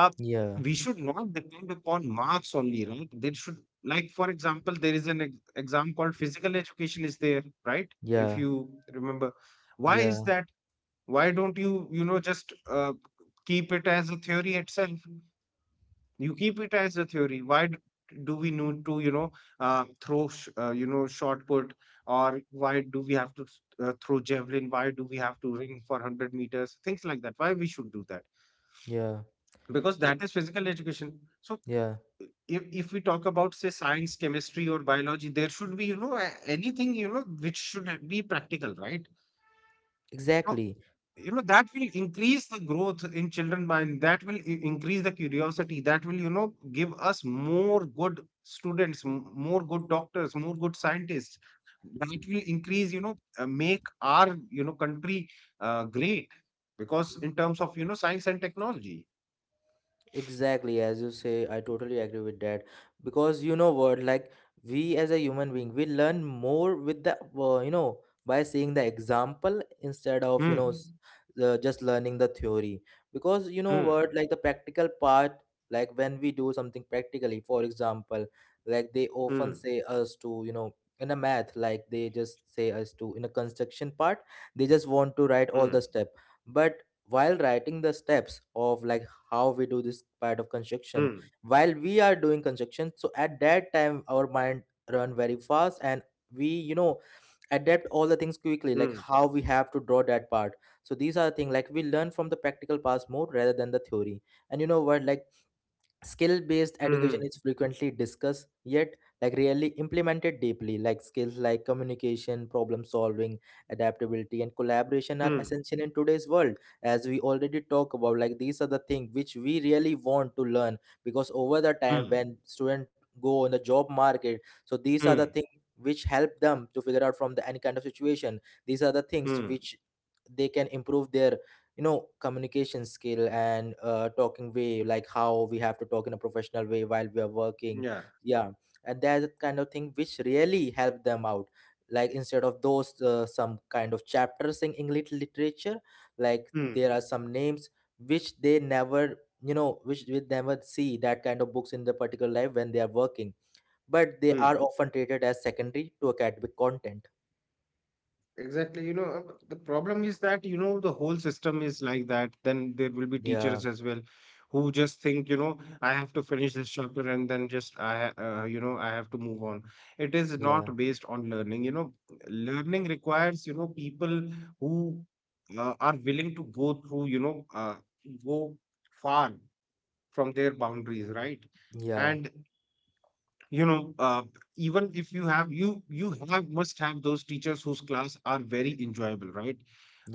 Speaker 2: uh,
Speaker 1: Yeah,
Speaker 2: we should not depend upon marks only, right? There should, like, for example, there is an exam called physical education is there, right? If
Speaker 1: yeah,
Speaker 2: you remember, why is
Speaker 1: yeah,
Speaker 2: that? Why don't you, you know, just keep it as a theory itself? You keep it as a theory. Do we need to, you know, throw, you know, shot put, or why do we have to throw javelin? Why do we have to ring for 100 meters? Things like that. Why we should do that?
Speaker 1: yeah,
Speaker 2: Because
Speaker 1: yeah,
Speaker 2: that is physical education. So
Speaker 1: yeah.
Speaker 2: if we talk about, say, science, chemistry or biology, there should be, you know, anything, you know, which should be practical, right? So
Speaker 1: Exactly.
Speaker 2: you know that will increase the growth in children mind, that will increase the curiosity, that will, you know, give us more good students, more good doctors, more good scientists. That will increase, you know, make our, you know, country great, because in terms of, you know, science and technology.
Speaker 1: Exactly, as you say, I totally agree with that. Because you know what, like we as a human being, we learn more with the you know, by seeing the example instead of you know
Speaker 2: Hmm.
Speaker 1: just learning the theory. Because you know
Speaker 2: Hmm.
Speaker 1: what, like the practical part, like when we do something practically, for example, like they
Speaker 2: Hmm.
Speaker 1: often say us to, you know, in a math, like they just say us to in a construction part, they just want to
Speaker 2: Hmm.
Speaker 1: write all the step. But while writing the steps of like how we do this part of
Speaker 2: Hmm.
Speaker 1: construction, while we are doing construction, so at that time our mind run very fast, and we, you know, adapt all the things quickly like
Speaker 2: Hmm.
Speaker 1: how we have to draw that part. So these are the things like we learn from the practical parts more rather than the theory. And you know what, like skill based education
Speaker 2: Mm,
Speaker 1: is frequently discussed yet like really implemented deeply. Like skills like communication, problem solving, adaptability and collaboration are
Speaker 2: mm,
Speaker 1: essential in today's world. As we already talk about, like these are the things which we really want to learn, because over the time
Speaker 2: mm,
Speaker 1: when students go on the job market, so these are the
Speaker 2: mm,
Speaker 1: things which help them to figure out from the any kind of situation. These are the things
Speaker 2: mm.
Speaker 1: which they can improve their, you know, communication skill and talking way, like how we have to talk in a professional way while we are working.
Speaker 2: Yeah.
Speaker 1: Yeah. And that kind of thing which really help them out, like instead of those some kind of chapters in english literature, like
Speaker 2: Mm,
Speaker 1: there are some names which they never, you know, which we never see that kind of books in the particular life when they are working. But they are
Speaker 2: mm.
Speaker 1: often treated as secondary to academic content.
Speaker 2: Exactly. You know, the problem is that, you know, the whole system is like that. Then there will be
Speaker 1: Yeah,
Speaker 2: teachers as well who just think, you know, I have to finish this chapter and then just you know, I have to move on. It is
Speaker 1: yeah,
Speaker 2: not based on learning. You know, learning requires, you know, people who are willing to go through, you know, go far from their boundaries, right?
Speaker 1: yeah,
Speaker 2: And you know, even if you have— you have must have those teachers whose class are very enjoyable, right?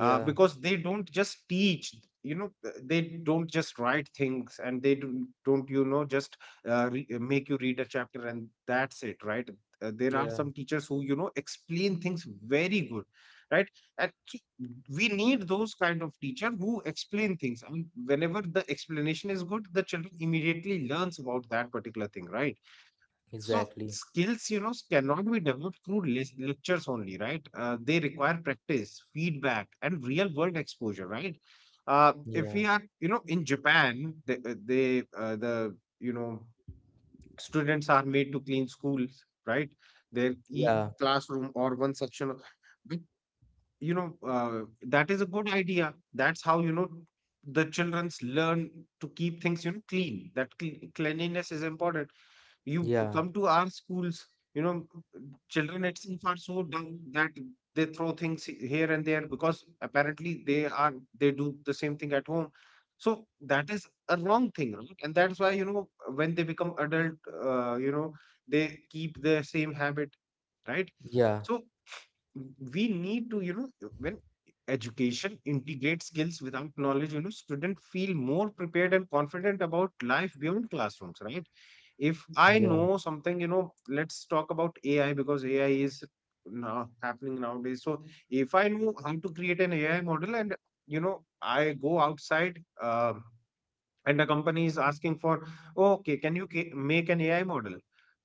Speaker 2: Because they don't just teach, you know, they don't just write things, and they don't, you know, just make you read a chapter and that's it, right? There are
Speaker 1: yeah,
Speaker 2: some teachers who, you know, explain things very good, right? And we need those kind of teacher who explain things, and whenever the explanation is good, the children immediately learns about that particular thing, right? So
Speaker 1: exactly.
Speaker 2: skills, you know, cannot be developed through lectures only, right? They require practice, feedback, and real world exposure, right? If
Speaker 1: Yeah.
Speaker 2: we are, you know, in Japan, they the you know, students are made to clean schools, right? Their e
Speaker 1: Yeah,
Speaker 2: classroom or one section, but you know, that is a good idea. That's how, you know, the childrens learn to keep things, you know, clean. That cleanliness is important. You
Speaker 1: yeah,
Speaker 2: come to our schools, you know, children itself are so dumb that they throw things here and there because apparently they are— they do the same thing at home. So that is a wrong thing, right? And that's why, you know, when they become adult, you know, they keep the same habit, right?
Speaker 1: yeah,
Speaker 2: So we need to, you know, when education integrates skills without knowledge, you know, students feel more prepared and confident about life beyond classrooms, right? If I
Speaker 1: yeah,
Speaker 2: know something, you know, let's talk about AI, because AI is now happening nowadays. So if I know how to create an AI model and, you know, I go outside. And the company is asking for, okay, can you make an AI model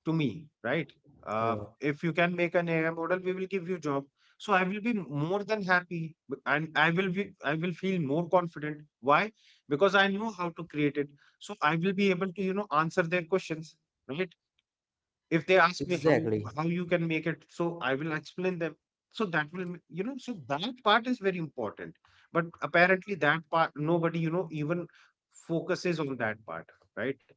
Speaker 2: to me, right?
Speaker 1: yeah.
Speaker 2: If you can make an AI model, we will give you job. So I will be more than happy, and I will be— I will feel more confident. Why? Because I know how to create it. So I will be able to, you know, answer their questions, right? If they ask me how—
Speaker 1: Exactly.
Speaker 2: how you can make it, so I will explain them. So that will you know, so that part is very important, but apparently that part nobody, you know, even focuses on that part, right?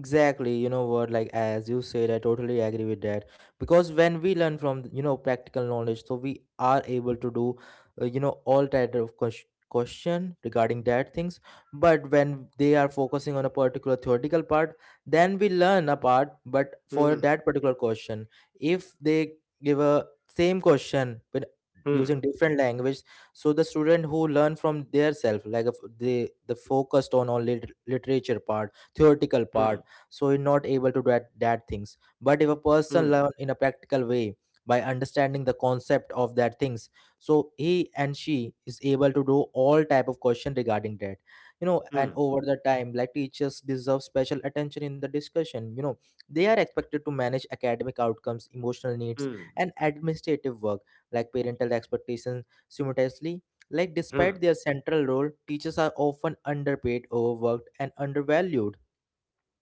Speaker 1: Exactly, you know what, like as you said, I totally agree with that. Because when we learn from, you know, practical knowledge, so we are able to do, you know, all type of question regarding that things. But when they are focusing on a particular theoretical part, then we learn a part, but
Speaker 2: Hmm.
Speaker 1: for that particular question, if they give a same question but
Speaker 2: Hmm.
Speaker 1: using different language, so the student who learn from their self, like if they the focused on all literature part, theoretical
Speaker 2: Hmm.
Speaker 1: part, so you're not able to do that, that things. But if a person
Speaker 2: Hmm.
Speaker 1: learn in a practical way by understanding the concept of that things, so he and she is able to do all type of question regarding that. You know, and
Speaker 2: Hmm.
Speaker 1: over the time, like teachers deserve special attention in the discussion, you know. They are expected to manage academic outcomes, emotional needs
Speaker 2: Hmm.
Speaker 1: and administrative work, like parental expectations simultaneously. Like
Speaker 2: Hmm.
Speaker 1: despite their central role, teachers are often underpaid, overworked and undervalued.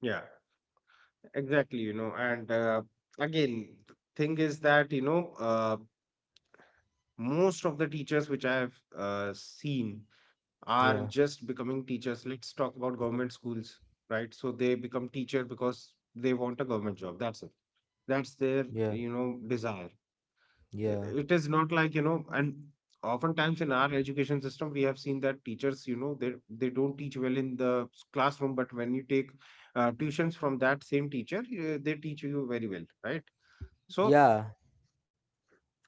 Speaker 2: Yeah, exactly, you know. And again, thing is that, you know, uh, most of the teachers which I have seen are
Speaker 1: Yeah,
Speaker 2: just becoming teachers. Let's talk about government schools, right? So they become teacher because they want a government job. That's it. That's their,
Speaker 1: yeah.
Speaker 2: you know, desire.
Speaker 1: Yeah.
Speaker 2: It is not like, you know, and oftentimes in our education system, we have seen that teachers, you know, they don't teach well in the classroom, but when you take tuitions from that same teacher, they teach you very well, right? So
Speaker 1: Yeah.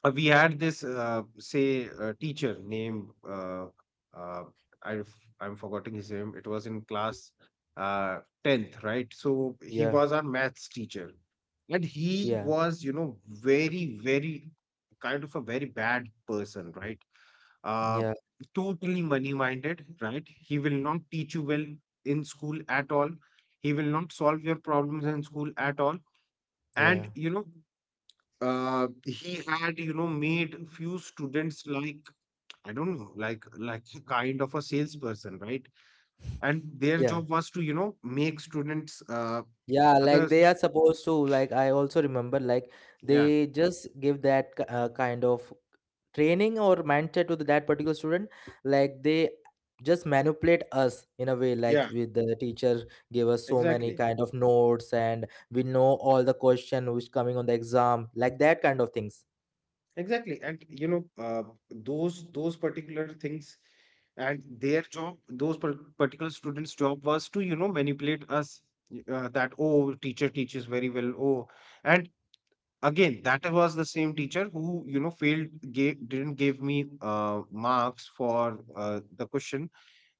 Speaker 2: we had this, say, teacher named, uh, I I'm forgetting his name. It was in class tenth, right? So he
Speaker 1: Yeah.
Speaker 2: was our maths teacher, and he
Speaker 1: Yeah.
Speaker 2: was, you know, very very kind of a very bad person, right? Uh,
Speaker 1: Yeah.
Speaker 2: Totally money minded, right? He will not teach you well in school at all. He will not solve your problems in school at all. And
Speaker 1: Yeah.
Speaker 2: you know, he had, you know, made few students like— I don't know, like— like *laughs* a kind of a salesperson, right? And their
Speaker 1: Yeah.
Speaker 2: job was to, you know, make students,
Speaker 1: Yeah, like
Speaker 2: others,
Speaker 1: they are supposed to, like I also remember like
Speaker 2: yeah.
Speaker 1: they just give that kind of training or mindset to that particular student. Like they just manipulate us in a way, like
Speaker 2: Yeah,
Speaker 1: with the teacher give us so many
Speaker 2: exactly,
Speaker 1: kind of notes, and we know all the question which coming on the exam, like that kind of things.
Speaker 2: exactly. And you know, those— those particular things, and their job, those particular students job was to, you know, manipulate us, that oh, teacher teaches very well, oh. And again, that was the same teacher who, you know, failed— didn't give me, marks for, the question,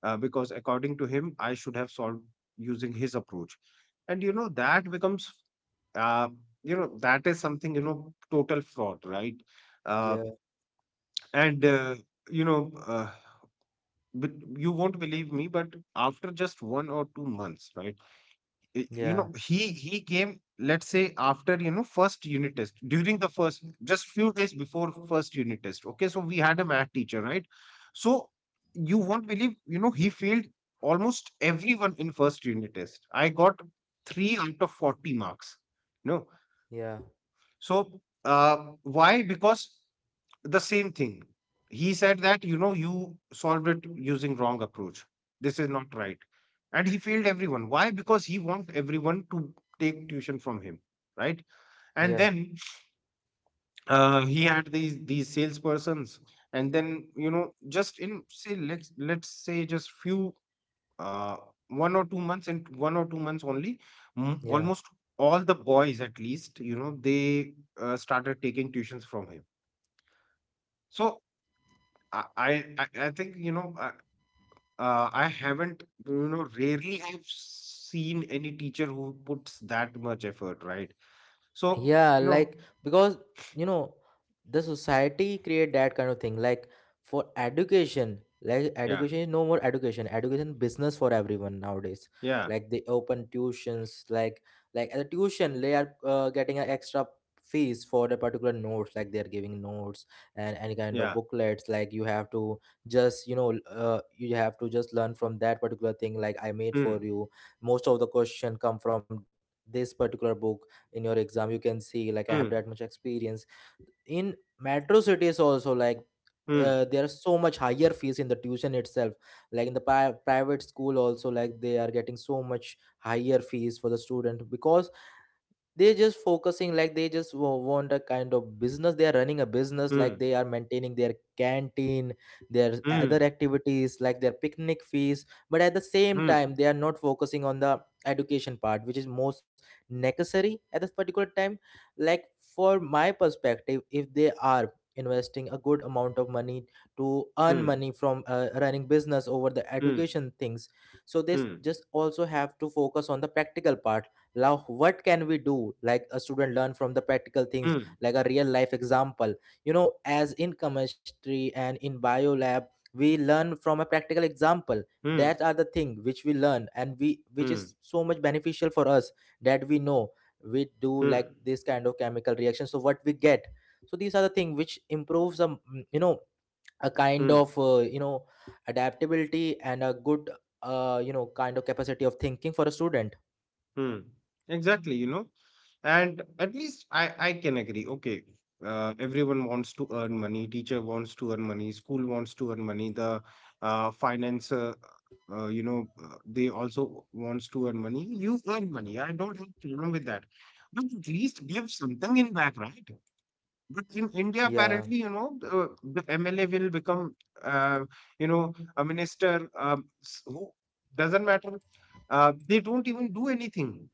Speaker 2: because according to him, I should have solved using his approach. And you know, that becomes, uh, you know, that is something, you know, total fraud, right? uh,
Speaker 1: Yeah,
Speaker 2: and you know, but you won't believe me, but after just 1 or 2 months, right, you know,
Speaker 1: yeah,
Speaker 2: he came, let's say, after, you know, first unit test— during the first— just few days before first unit test. Okay, so we had a math teacher, right? So you won't believe, you know, he failed almost everyone in first unit test. I got 3 out of 40 marks. No.
Speaker 1: yeah,
Speaker 2: So why? Because the same thing. He said that, you know, you solved it using wrong approach. This is not right. And he failed everyone. Why? Because he want everyone to take tuition from him, right? And
Speaker 1: yeah,
Speaker 2: then, he had these salespersons, and then, you know, just in, say, let's say just few, uh, 1 or 2 months, and 1 or 2 months only, almost
Speaker 1: yeah,
Speaker 2: all the boys at least, you know, they started taking tuitions from him. So I I I think, you know, I haven't, you know, rarely have seen any teacher who puts that much effort, right? So,
Speaker 1: yeah,
Speaker 2: you know,
Speaker 1: like. Because you know the society create that kind of thing like for education. Like
Speaker 2: yeah,
Speaker 1: education is no more education, education business for everyone nowadays.
Speaker 2: yeah,
Speaker 1: Like they open tuitions, like at the tuition they are getting an extra fees for the particular notes, like they are giving notes and any kind
Speaker 2: yeah.
Speaker 1: of booklets. Like you have to just, you know, you have to just learn from that particular thing like I made
Speaker 2: Hmm,
Speaker 1: for you. Most of the question come from this particular book in your exam, you can see, like I have
Speaker 2: hmm,
Speaker 1: that much experience. In metro cities also, like
Speaker 2: hmm,
Speaker 1: there are so much higher fees in the tuition itself. Like in the private school also, like they are getting so much higher fees for the student, because they just focusing like they just want a kind of business. They are running a business, like
Speaker 2: hmm,
Speaker 1: they are maintaining their canteen, their other
Speaker 2: hmm,
Speaker 1: activities, like their picnic fees. But at the same time
Speaker 2: hmm,
Speaker 1: they are not focusing on the education part, which is most necessary at this particular time. Like for my perspective, if they are investing a good amount of money to earn
Speaker 2: hmm,
Speaker 1: money from running business over the
Speaker 2: hmm,
Speaker 1: education things, so they
Speaker 2: hmm,
Speaker 1: just also have to focus on the practical part. Now what can we do, like a student learn from the practical things
Speaker 2: hmm,
Speaker 1: like a real life example. You know, as in chemistry and in bio lab, we learn from a practical example.
Speaker 2: hmm,
Speaker 1: That are the thing which we learn, and we which
Speaker 2: hmm,
Speaker 1: is so much beneficial for us, that we know we do
Speaker 2: hmm,
Speaker 1: like this kind of chemical reaction, so what we get. So these are the thing which improves a, mm, you know, a kind
Speaker 2: hmm,
Speaker 1: of, you know, adaptability and a good, you know, kind of capacity of thinking for a student.
Speaker 2: hmm. Exactly, you know. And at least I can agree. Okay, everyone wants to earn money. Teacher wants to earn money. School wants to earn money. The uh, finance, uh, you know, they also wants to earn money. You earn money. I don't have problem with that. But at least give something in back, right? But in India,
Speaker 1: Yeah,
Speaker 2: apparently, you know, the MLA will become, uh, you know, a minister, who doesn't matter. They don't even do anything.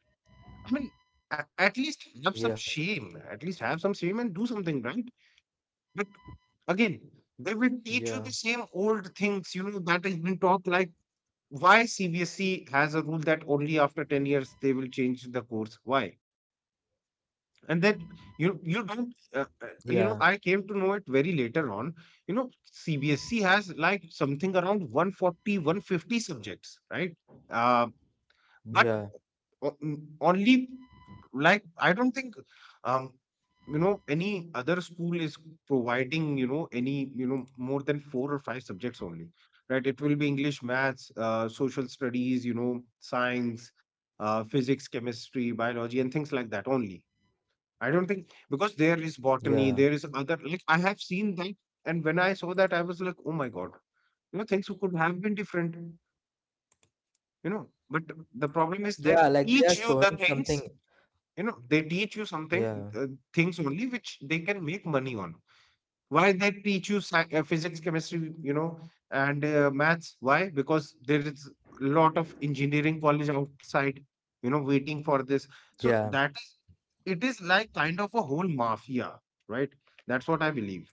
Speaker 2: I mean, at least have some
Speaker 1: yeah.
Speaker 2: shame. At least have some shame and do something, right? But again, they will teach you
Speaker 1: Yeah,
Speaker 2: the same old things, you know, that has been taught. Like, why CBSE has a rule that only after 10 years they will change the course? Why? And then you— you don't
Speaker 1: yeah,
Speaker 2: you know, I came to know it very later on. You know CBSE has like something around 140, 150 subjects, right? Uh, but
Speaker 1: yeah,
Speaker 2: only, like, I don't think um any other school is providing any, more than four or five subjects only, right? It will be English, maths, social studies, science, physics, chemistry, biology, and things like that only. I don't think, because there is botany,
Speaker 1: yeah,
Speaker 2: there is other, like, I have seen that. And when I saw that, I was like, oh my god, things could have been different, but the problem is that
Speaker 1: yeah. Like they are
Speaker 2: teach you the
Speaker 1: showing something.
Speaker 2: things. They teach you something,
Speaker 1: Yeah,
Speaker 2: things only which they can make money on. Why they teach you physics, chemistry, and maths? Why? Because there is a lot of engineering college outside, waiting for this. So
Speaker 1: yeah,
Speaker 2: that is, it is like kind of a whole mafia, right? That's what I believe.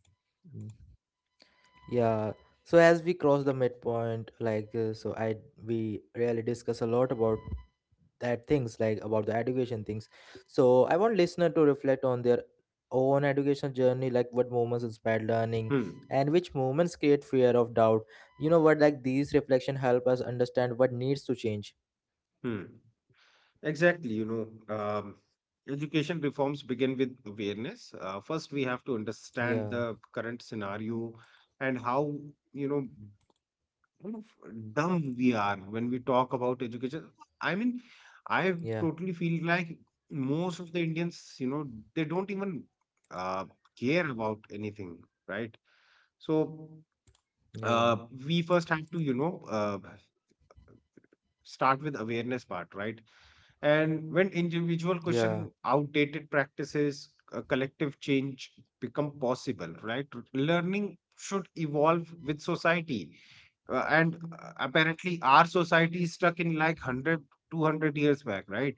Speaker 1: mm, yeah. So as we cross the midpoint, like so, I we really discuss a lot about that things, like about the education things. So I want listener to reflect on their own education journey, like what moments inspired learning,
Speaker 2: Hmm.
Speaker 1: and which moments create fear of doubt. You know what? Like these reflection help us understand what needs to change.
Speaker 2: Hmm. Exactly, education reforms begin with awareness. First, we have to understand
Speaker 1: Yeah,
Speaker 2: the current scenario and how, you know, kind of dumb we are when we talk about education. I mean, I
Speaker 1: yeah,
Speaker 2: totally feel like most of the Indians, they don't even uh, care about anything, right? So,
Speaker 1: yeah,
Speaker 2: uh, we first have to, start with awareness part, right? And when individual
Speaker 1: yeah,
Speaker 2: question outdated practices, a collective change become possible, right? Learning should evolve with society. And apparently our society is stuck in like 100, 200 years back, right?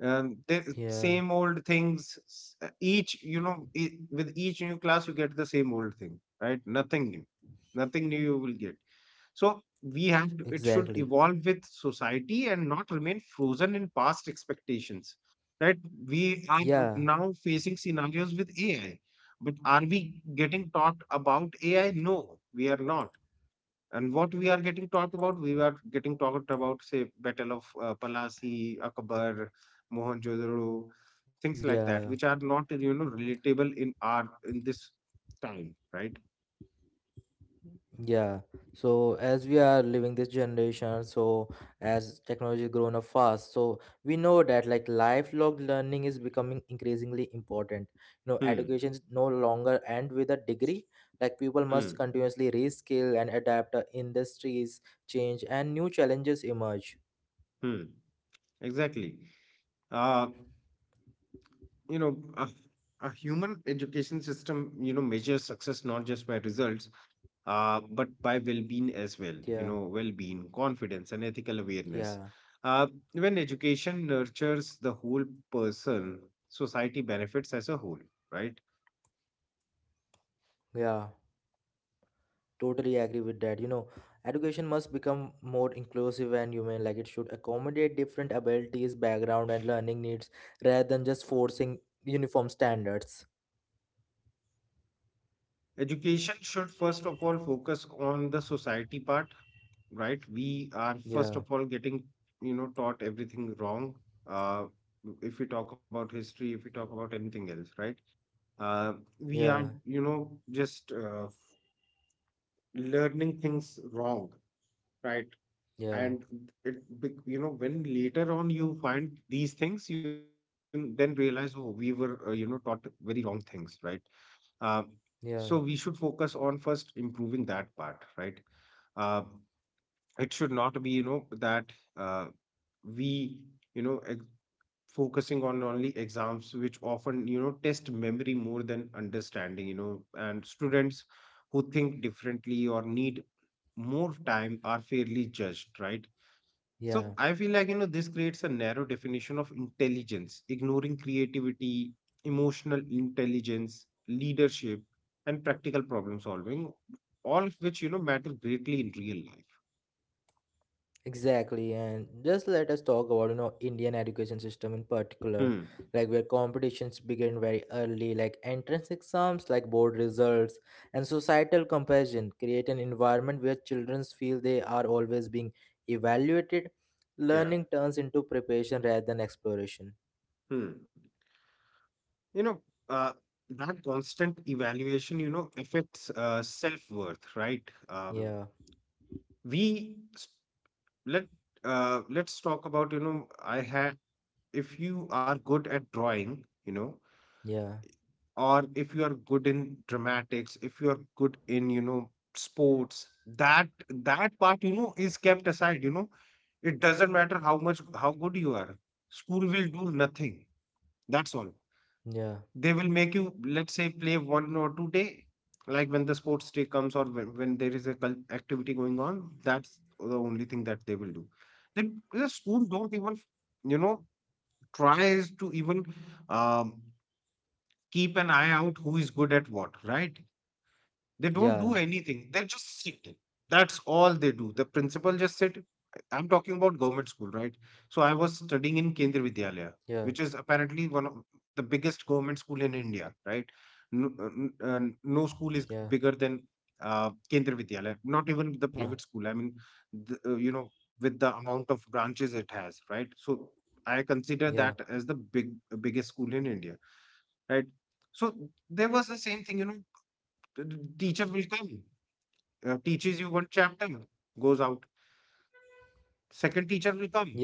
Speaker 2: The
Speaker 1: yeah.
Speaker 2: same old things, each, with each new class, you get the same old thing, right? Nothing new. Nothing new you will get. So we have to, it should
Speaker 1: Exactly.
Speaker 2: evolve with society and not remain frozen in past expectations, right? We are
Speaker 1: Yeah.
Speaker 2: now facing scenarios with AI, but are we getting taught about AI? No, we are not. And what we are getting taught about, we are getting taught about, say, Battle of Palasi, Akbar, Mohenjo-daro, things
Speaker 1: Yeah.
Speaker 2: like that, which are not, relatable in our in this time, right?
Speaker 1: Yeah. So as we are living this generation, so as technology is grown up fast, so we know that like lifelong learning is becoming increasingly important. You know,
Speaker 2: Hmm.
Speaker 1: education is no longer end with a degree. Like people must
Speaker 2: Hmm.
Speaker 1: continuously reskill and adapt industries change and new challenges emerge.
Speaker 2: Hmm. Exactly. Uh, you know, a, a human education system, measures success not just by results, but by well-being as
Speaker 1: Yeah.
Speaker 2: well. Well-being, confidence, and ethical
Speaker 1: Yeah.
Speaker 2: awareness. Uh, when education nurtures the whole person, society benefits as a whole, right?
Speaker 1: Yeah. Totally agree with that. You know, education must become more inclusive and human. Like it should accommodate different abilities, background, and learning needs rather than just forcing uniform standards.
Speaker 2: Education should first of all focus on the society part, right? We are first of
Speaker 1: Yeah,
Speaker 2: all getting, taught everything wrong. Uh, if we talk about history, if we talk about anything else, right? uh, we are
Speaker 1: yeah,
Speaker 2: just learning things wrong, right. And
Speaker 1: yeah,
Speaker 2: when later on you find these things, you then realize, oh we were taught very wrong things, right. uh, so we
Speaker 1: yeah,
Speaker 2: should focus on first improving that part, right. uh, it should not be that we you know ex- focusing on only exams, which often test memory more than understanding, and students who think differently or need more time are fairly judged, right. So
Speaker 1: yeah.
Speaker 2: I feel like, this creates a narrow definition of intelligence, ignoring creativity, emotional intelligence, leadership, and practical problem solving, all of which, matter greatly in real life.
Speaker 1: Exactly, and just let us talk about, you know, Indian education system in particular,
Speaker 2: Hmm.
Speaker 1: like where competitions begin very early, like entrance exams, like board results, and societal comparison create an environment where children feel they are always being evaluated.
Speaker 2: Yeah.
Speaker 1: Learning turns into preparation rather than exploration.
Speaker 2: Hmm. You know, uh, that constant evaluation, affects self-worth, right?
Speaker 1: Yeah,
Speaker 2: We s- let Let's talk about, I had if you are good at drawing,
Speaker 1: yeah,
Speaker 2: or if you are good in dramatics, if you are good in, sports, that part, is kept aside. It doesn't matter how much how good you are. School will do nothing. That's all.
Speaker 1: yeah,
Speaker 2: They will make you, let's say, play 1 or 2 day, like when the sports day comes, or when there is a activity going on. That's the only thing that they will do. The schools don't even you know tries to even um, keep an eye out who is good at what, right. They don't do
Speaker 1: yeah,
Speaker 2: anything. They just sit. That's all they do. The principal just sit. I'm talking about government school, right? So I was studying in Kendriya Vidyalaya,
Speaker 1: yeah,
Speaker 2: which is apparently one of the
Speaker 1: yeah,
Speaker 2: biggest government school in India, right? No, no
Speaker 1: yeah,
Speaker 2: school is bigger than Kendra Vidyalaya. Not even the private school. I mean,
Speaker 1: yeah,
Speaker 2: the, uh, you know, with the amount of branches it has, right? So I consider that
Speaker 1: yeah,
Speaker 2: as the biggest school in India, right? So there was the same thing, the teacher will come, teaches you one chapter, goes out. Second teacher will come,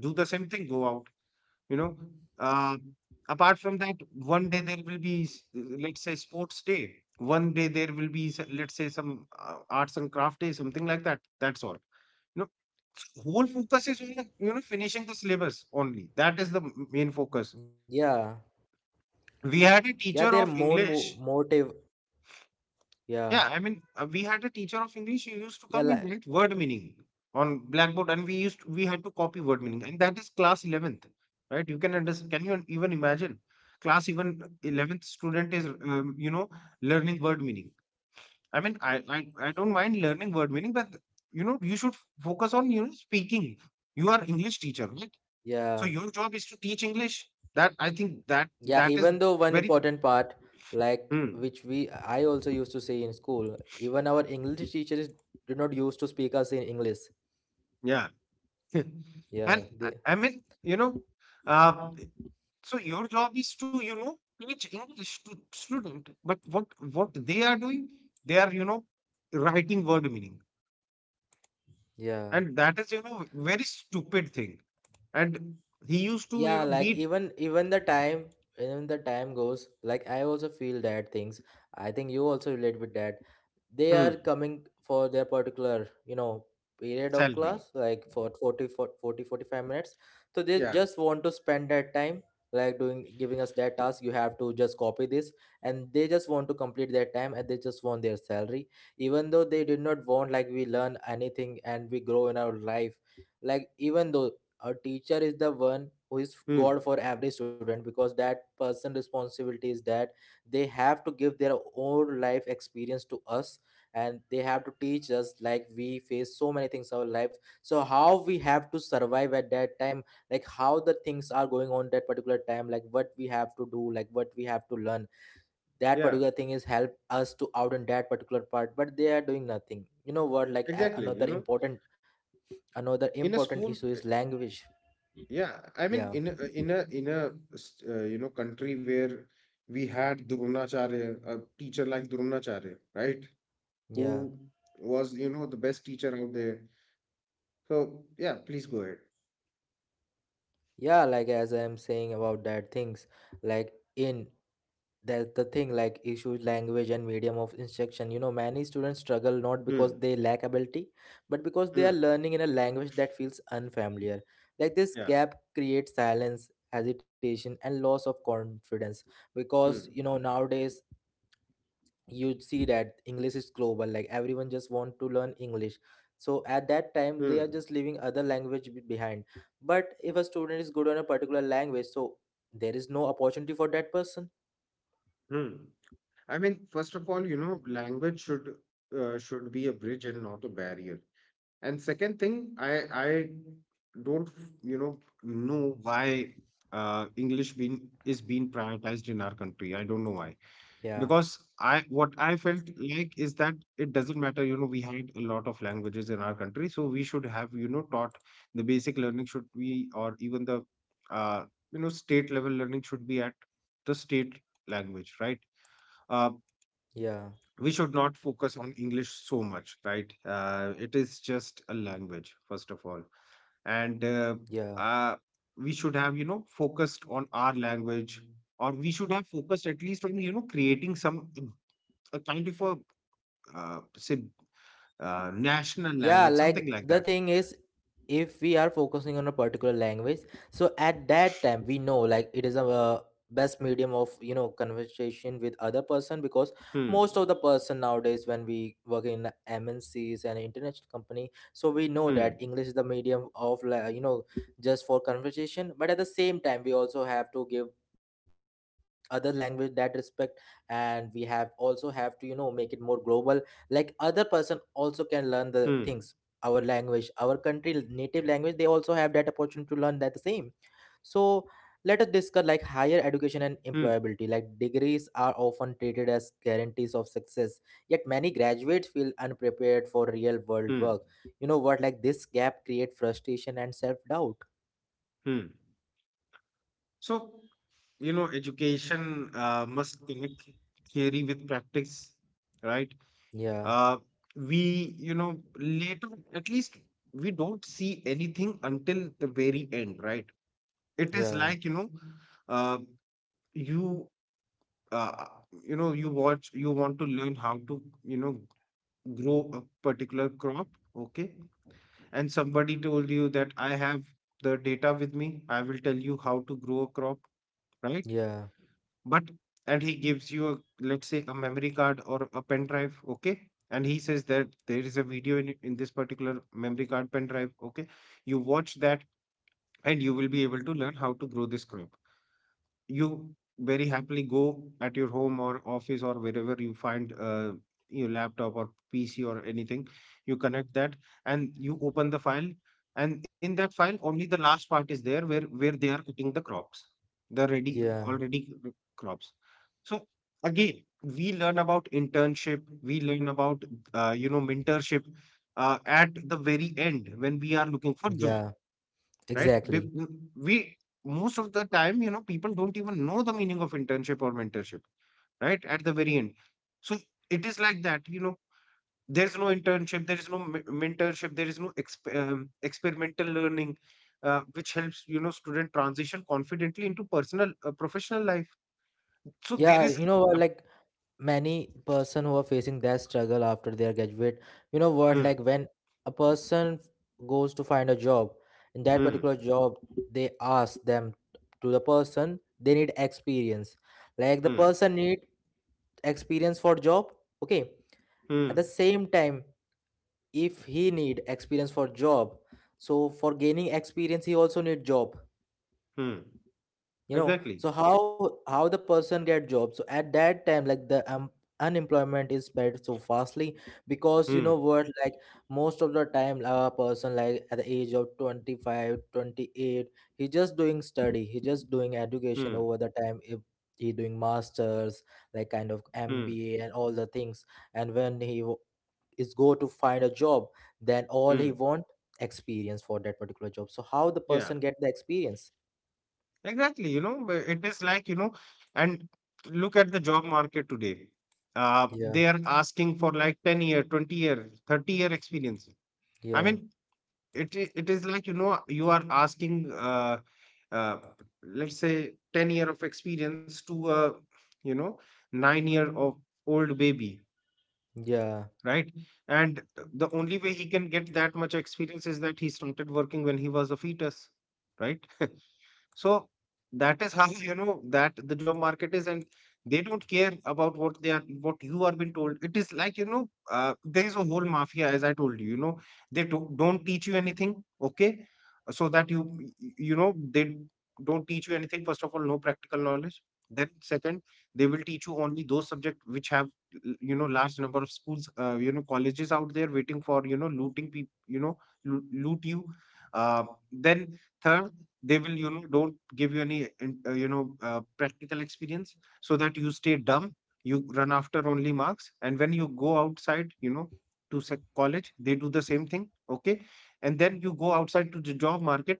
Speaker 2: do the same thing, go out. You know, uh, Apart from that, one day there will be, let's say, sports day. One day there will be, let's say, some arts and craft day, something like that. That's all. You know, Whole focus is on finishing the syllabus only. That is the main focus.
Speaker 1: yeah,
Speaker 2: We had a
Speaker 1: yeah.
Speaker 2: teacher
Speaker 1: They're
Speaker 2: of
Speaker 1: more mo-
Speaker 2: English.
Speaker 1: motive. Yeah,
Speaker 2: Yeah, I mean, we had a teacher of English who used to
Speaker 1: yeah,
Speaker 2: come and
Speaker 1: like,
Speaker 2: write word meaning on blackboard, and we had to copy word meaning, and that is class 11th, right? You can understand. Can you even imagine? Class even 11th student is learning word meaning. I mean, I don't mind learning word meaning, but you should focus on speaking. You are English teacher, right? So
Speaker 1: yeah.
Speaker 2: your job is to teach English. That I think that
Speaker 1: Yeah,
Speaker 2: that is
Speaker 1: even though one
Speaker 2: very.
Speaker 1: important part, like
Speaker 2: Hmm,
Speaker 1: which we I also used to say in school, even our English teachers did not used to speak us in English.
Speaker 2: yeah. *laughs* And
Speaker 1: Yeah, they
Speaker 2: I mean, uh, so your job is to, teach English to student. But what they are doing, they are, writing word meaning,
Speaker 1: yeah.
Speaker 2: and that is, very stupid thing. And he used to,
Speaker 1: Yeah, like
Speaker 2: beat.
Speaker 1: even even the time goes, like I also feel that things, I think you also relate with that. They
Speaker 2: Hmm.
Speaker 1: are coming for their particular, you know, period of
Speaker 2: Salary.
Speaker 1: class, like for 40 for 40 to 45 minutes, so they
Speaker 2: Yeah.
Speaker 1: just want to spend that time, like doing giving us that task, you have to just copy this, and they just want to complete their time and they just want their salary, even though they did not want like we learn anything and we grow in our life. Like even though a teacher is the one who is god
Speaker 2: Hmm.
Speaker 1: for every student, because that person responsibility is that they have to give their own life experience to us, and they have to teach us, like we face so many things in our life, so how we have to survive at that time, like how the things are going on that particular time, like what we have to do, like what we have to learn. That
Speaker 2: Yeah.
Speaker 1: particular thing is help us to out in that particular part, but they are doing nothing, you know what, like
Speaker 2: Exactly.
Speaker 1: another
Speaker 2: In a
Speaker 1: important
Speaker 2: school,
Speaker 1: issue is language.
Speaker 2: yeah. I mean,
Speaker 1: Yeah.
Speaker 2: in a country where we had Dronacharya, a teacher like Dronacharya, right?
Speaker 1: Yeah.
Speaker 2: Who was the best teacher out there. So yeah, please go ahead.
Speaker 1: Yeah, like as I'm saying about that things, like in that's the thing, like issues language and medium of instruction. You know, many students struggle not because
Speaker 2: Hmm.
Speaker 1: they lack ability, but because they are
Speaker 2: Hmm.
Speaker 1: learning in a language that feels unfamiliar. Like this
Speaker 2: Yeah.
Speaker 1: gap creates silence, hesitation, and loss of confidence. Because, you know,
Speaker 2: Hmm.
Speaker 1: nowadays you'd see that English is global, like everyone just want to learn English. So at that time they are
Speaker 2: Hmm.
Speaker 1: just leaving other language behind. But if a student is good on a particular language, so there is no opportunity for that person.
Speaker 2: Hmm. I mean, first of all, language should be a bridge and not a barrier. And second thing, I don't you know know why english being is being prioritized in our country. I don't know why.
Speaker 1: Yeah,
Speaker 2: Because I what I felt like is that it doesn't matter, we had a lot of languages in our country, so we should have, taught. The basic learning should be, or even the uh, state level learning should be at the state language, right. uh,
Speaker 1: yeah,
Speaker 2: we should not focus on English so much, right. It is just a language, first of all. And
Speaker 1: yeah,
Speaker 2: uh, we should have focused on our language, or we should have focused at least on creating some, a kind of a say, national
Speaker 1: yeah,
Speaker 2: language,
Speaker 1: like
Speaker 2: something like
Speaker 1: the
Speaker 2: that.
Speaker 1: thing is, if we are focusing on a particular language, so at that time we know like it is a, best medium of, you know, conversation with other person. Because
Speaker 2: Hmm.
Speaker 1: most of the person nowadays when we work in MNCs and international company, so we know that
Speaker 2: Hmm.
Speaker 1: English is the medium of, like, you know, just for conversation. But at the same time we also have to give other language that respect, and we have also have to, you know, make it more global, like other person also can learn the things.
Speaker 2: Hmm.
Speaker 1: Our language, our country native language, they also have that opportunity to learn that the same. So let us discuss like higher education and
Speaker 2: Hmm.
Speaker 1: employability. Like degrees are often treated as guarantees of success, yet many graduates feel unprepared for real world
Speaker 2: Hmm.
Speaker 1: work. You know what, like this gap create frustration and self doubt.
Speaker 2: Hmm. So, education must connect theory with practice, right?
Speaker 1: Yeah,
Speaker 2: Uh, we, later, at least, we don't see anything until the very end, right? It is
Speaker 1: yeah,
Speaker 2: like, uh, you, uh, you watch, you want to learn how to, grow a particular crop, okay. And somebody told you that I have the data with me, I will tell you how to grow a crop, right.
Speaker 1: yeah,
Speaker 2: but And he gives you a, let's say, a memory card or a pen drive, okay. And he says that there is a video in this particular memory card pen drive, okay, you watch that, and you will be able to learn how to grow this crop. You very happily go at your home or office or wherever you find your laptop or PC or anything, you connect that, and you open the file, and in that file only the last part is there where they are cutting the crops, the ready
Speaker 1: yeah,
Speaker 2: already crops. So again we learn about internship, we learn about mentorship at the very end when we are looking for job,
Speaker 1: yeah,
Speaker 2: right? They-
Speaker 1: exactly,
Speaker 2: We Most of the time, people don't even know the meaning of internship or mentorship, right? At the very end, so it is like that. There's no internship, there is no mentorship, there is no experimental learning, which helps student transition confidently into personal professional life. So
Speaker 1: yeah.
Speaker 2: there
Speaker 1: You
Speaker 2: is,
Speaker 1: know what,
Speaker 2: a-
Speaker 1: like many person who are facing that struggle after their graduate. You know what, like
Speaker 2: hmm.
Speaker 1: when a person goes to find a job, in that
Speaker 2: Hmm.
Speaker 1: particular job they ask them, to the person, they need experience. Like the
Speaker 2: Hmm.
Speaker 1: person need experience for job, okay? At
Speaker 2: Hmm.
Speaker 1: the same time, if he need experience for job, so for gaining experience he also need job.
Speaker 2: Hmm.
Speaker 1: You know,
Speaker 2: Exactly.
Speaker 1: so how the person get job? So at that time, like the unemployment is spread so fastly. Because, you know
Speaker 2: Hmm.
Speaker 1: what, like most of the time a person like at the age of 25, 28, he just doing study, he just doing education
Speaker 2: Hmm.
Speaker 1: over the time. If he doing masters like kind of
Speaker 2: Hmm.
Speaker 1: MBA and all the things, and when is go to find a job, then all he
Speaker 2: Hmm.
Speaker 1: want experience for that particular job, so how the
Speaker 2: Yeah.
Speaker 1: person get the experience?
Speaker 2: Exactly, but it is like, and look at the job market today.
Speaker 1: Yeah,
Speaker 2: They are asking for like 10 year, 20 year, 30-year experience. I
Speaker 1: yeah.
Speaker 2: mean, it is like, you are asking uh, let's say, 10 year of experience to a, you know, 9 year of old baby,
Speaker 1: Yeah,
Speaker 2: right? And the only way he can get that much experience is that he started working when he was a fetus, right? *laughs* So that is how you know that the job market is, and they don't care about what they are, what you are being told. It is like, there is a whole mafia, as I told you. Don't teach you anything, okay? So that you, they don't teach you anything. First of all, no practical knowledge. Then second, they will teach you only those subjects which have large number of schools, colleges out there waiting for looting people, loot you. Uh, then third, they will don't give you any practical experience, so that you stay dumb, you run after only marks. And when you go outside, to college, they do the same thing, okay. And then you go outside to the job market,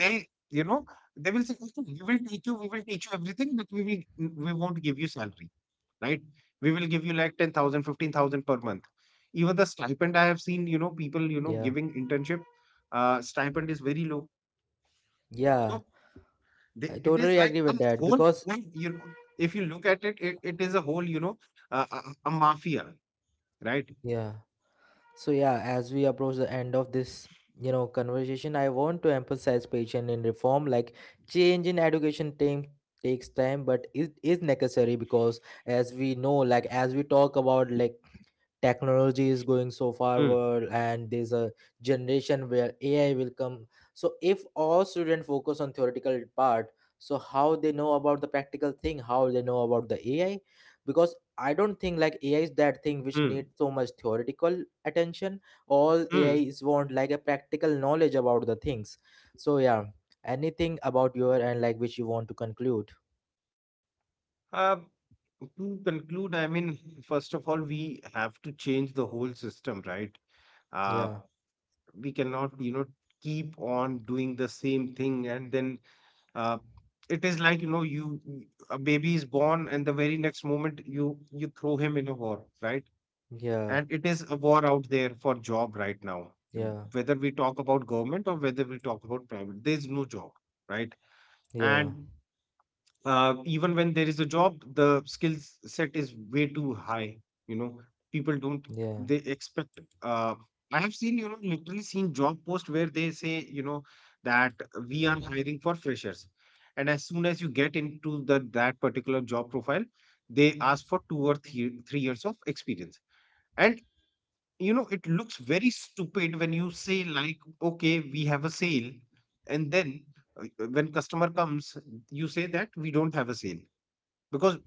Speaker 2: they, you know they will say, "Okay, we will teach you everything, but we won't give you salary, right, we will give you like 10,000, 15,000 per month." Even the stipend, I have seen, people,
Speaker 1: yeah,
Speaker 2: giving internship, stipend is very low.
Speaker 1: yeah.
Speaker 2: So
Speaker 1: I
Speaker 2: it is
Speaker 1: totally
Speaker 2: like
Speaker 1: agree
Speaker 2: a
Speaker 1: with that, because
Speaker 2: whole, if you look at it, it is a whole, a mafia, right?
Speaker 1: yeah. So yeah, as we approach the end of this, you know, conversation, I want to emphasize patience in reform. Like change in education time takes time, but it is necessary because, as we know, like as we talk about, like technology is going so
Speaker 2: Hmm.
Speaker 1: forward and there's a generation where AI will come. So if all students focus on theoretical part, so how they know about the practical thing, how they know about the AI? Because I don't think like AI is that thing which
Speaker 2: Hmm.
Speaker 1: needs so much theoretical attention. All AI
Speaker 2: Hmm.
Speaker 1: is want like a practical knowledge about the things. So yeah, anything about your and like which you want to conclude?
Speaker 2: Uh, to conclude, I mean, first of all, we have to change the whole system, right? Uh,
Speaker 1: Yeah,
Speaker 2: we cannot, keep on doing the same thing. And then, uh, it is like, a baby is born, and the very next moment you throw him in a war, right?
Speaker 1: yeah,
Speaker 2: And it is a war out there for job right now. Um,
Speaker 1: yeah,
Speaker 2: Whether we talk about government or whether we talk about private, there is no job, right.
Speaker 1: yeah,
Speaker 2: And even when there is a job, the skill set is way too high, you know people don't,
Speaker 1: yeah,
Speaker 2: they expect uh, I have seen, literally seen job posts where they say, you know that we are hiring for freshers, and as soon as you get into the that particular job profile, they ask for 2 or 3, 3 years of experience. And it looks very stupid when you say, like, okay we have a sale, and then uh, when customer comes, you say that we don't have a sale. Because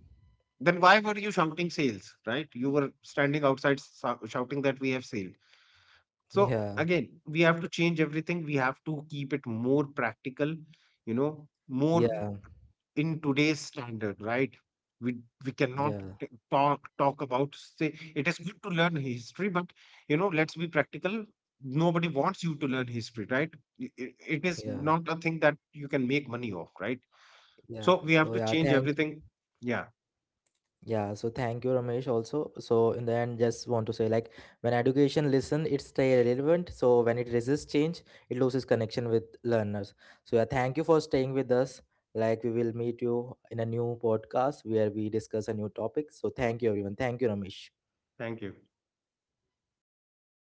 Speaker 2: then why were you shouting sales, right, you were standing outside shouting that we have sale. So
Speaker 1: yeah,
Speaker 2: again we have to change everything, we have to keep it more practical, more
Speaker 1: yeah,
Speaker 2: in today's standard, right? We we cannot
Speaker 1: yeah,
Speaker 2: talk about, say, it is good to learn history, but let's be practical. Nobody wants you to learn history, right? It is
Speaker 1: yeah,
Speaker 2: not a thing that you can make money off, right?
Speaker 1: yeah.
Speaker 2: So we have
Speaker 1: So
Speaker 2: to
Speaker 1: yeah,
Speaker 2: change
Speaker 1: thank
Speaker 2: everything. Yeah,
Speaker 1: Yeah, so thank you, Ramesh. Also, so in the end, just want to say like when education listen, it stay relevant. So when it resists change, it loses connection with learners. So yeah, thank you for staying with us. Like we will meet you in a new podcast where we discuss a new topic. So thank you, everyone. Thank you, Ramesh.
Speaker 2: thank you.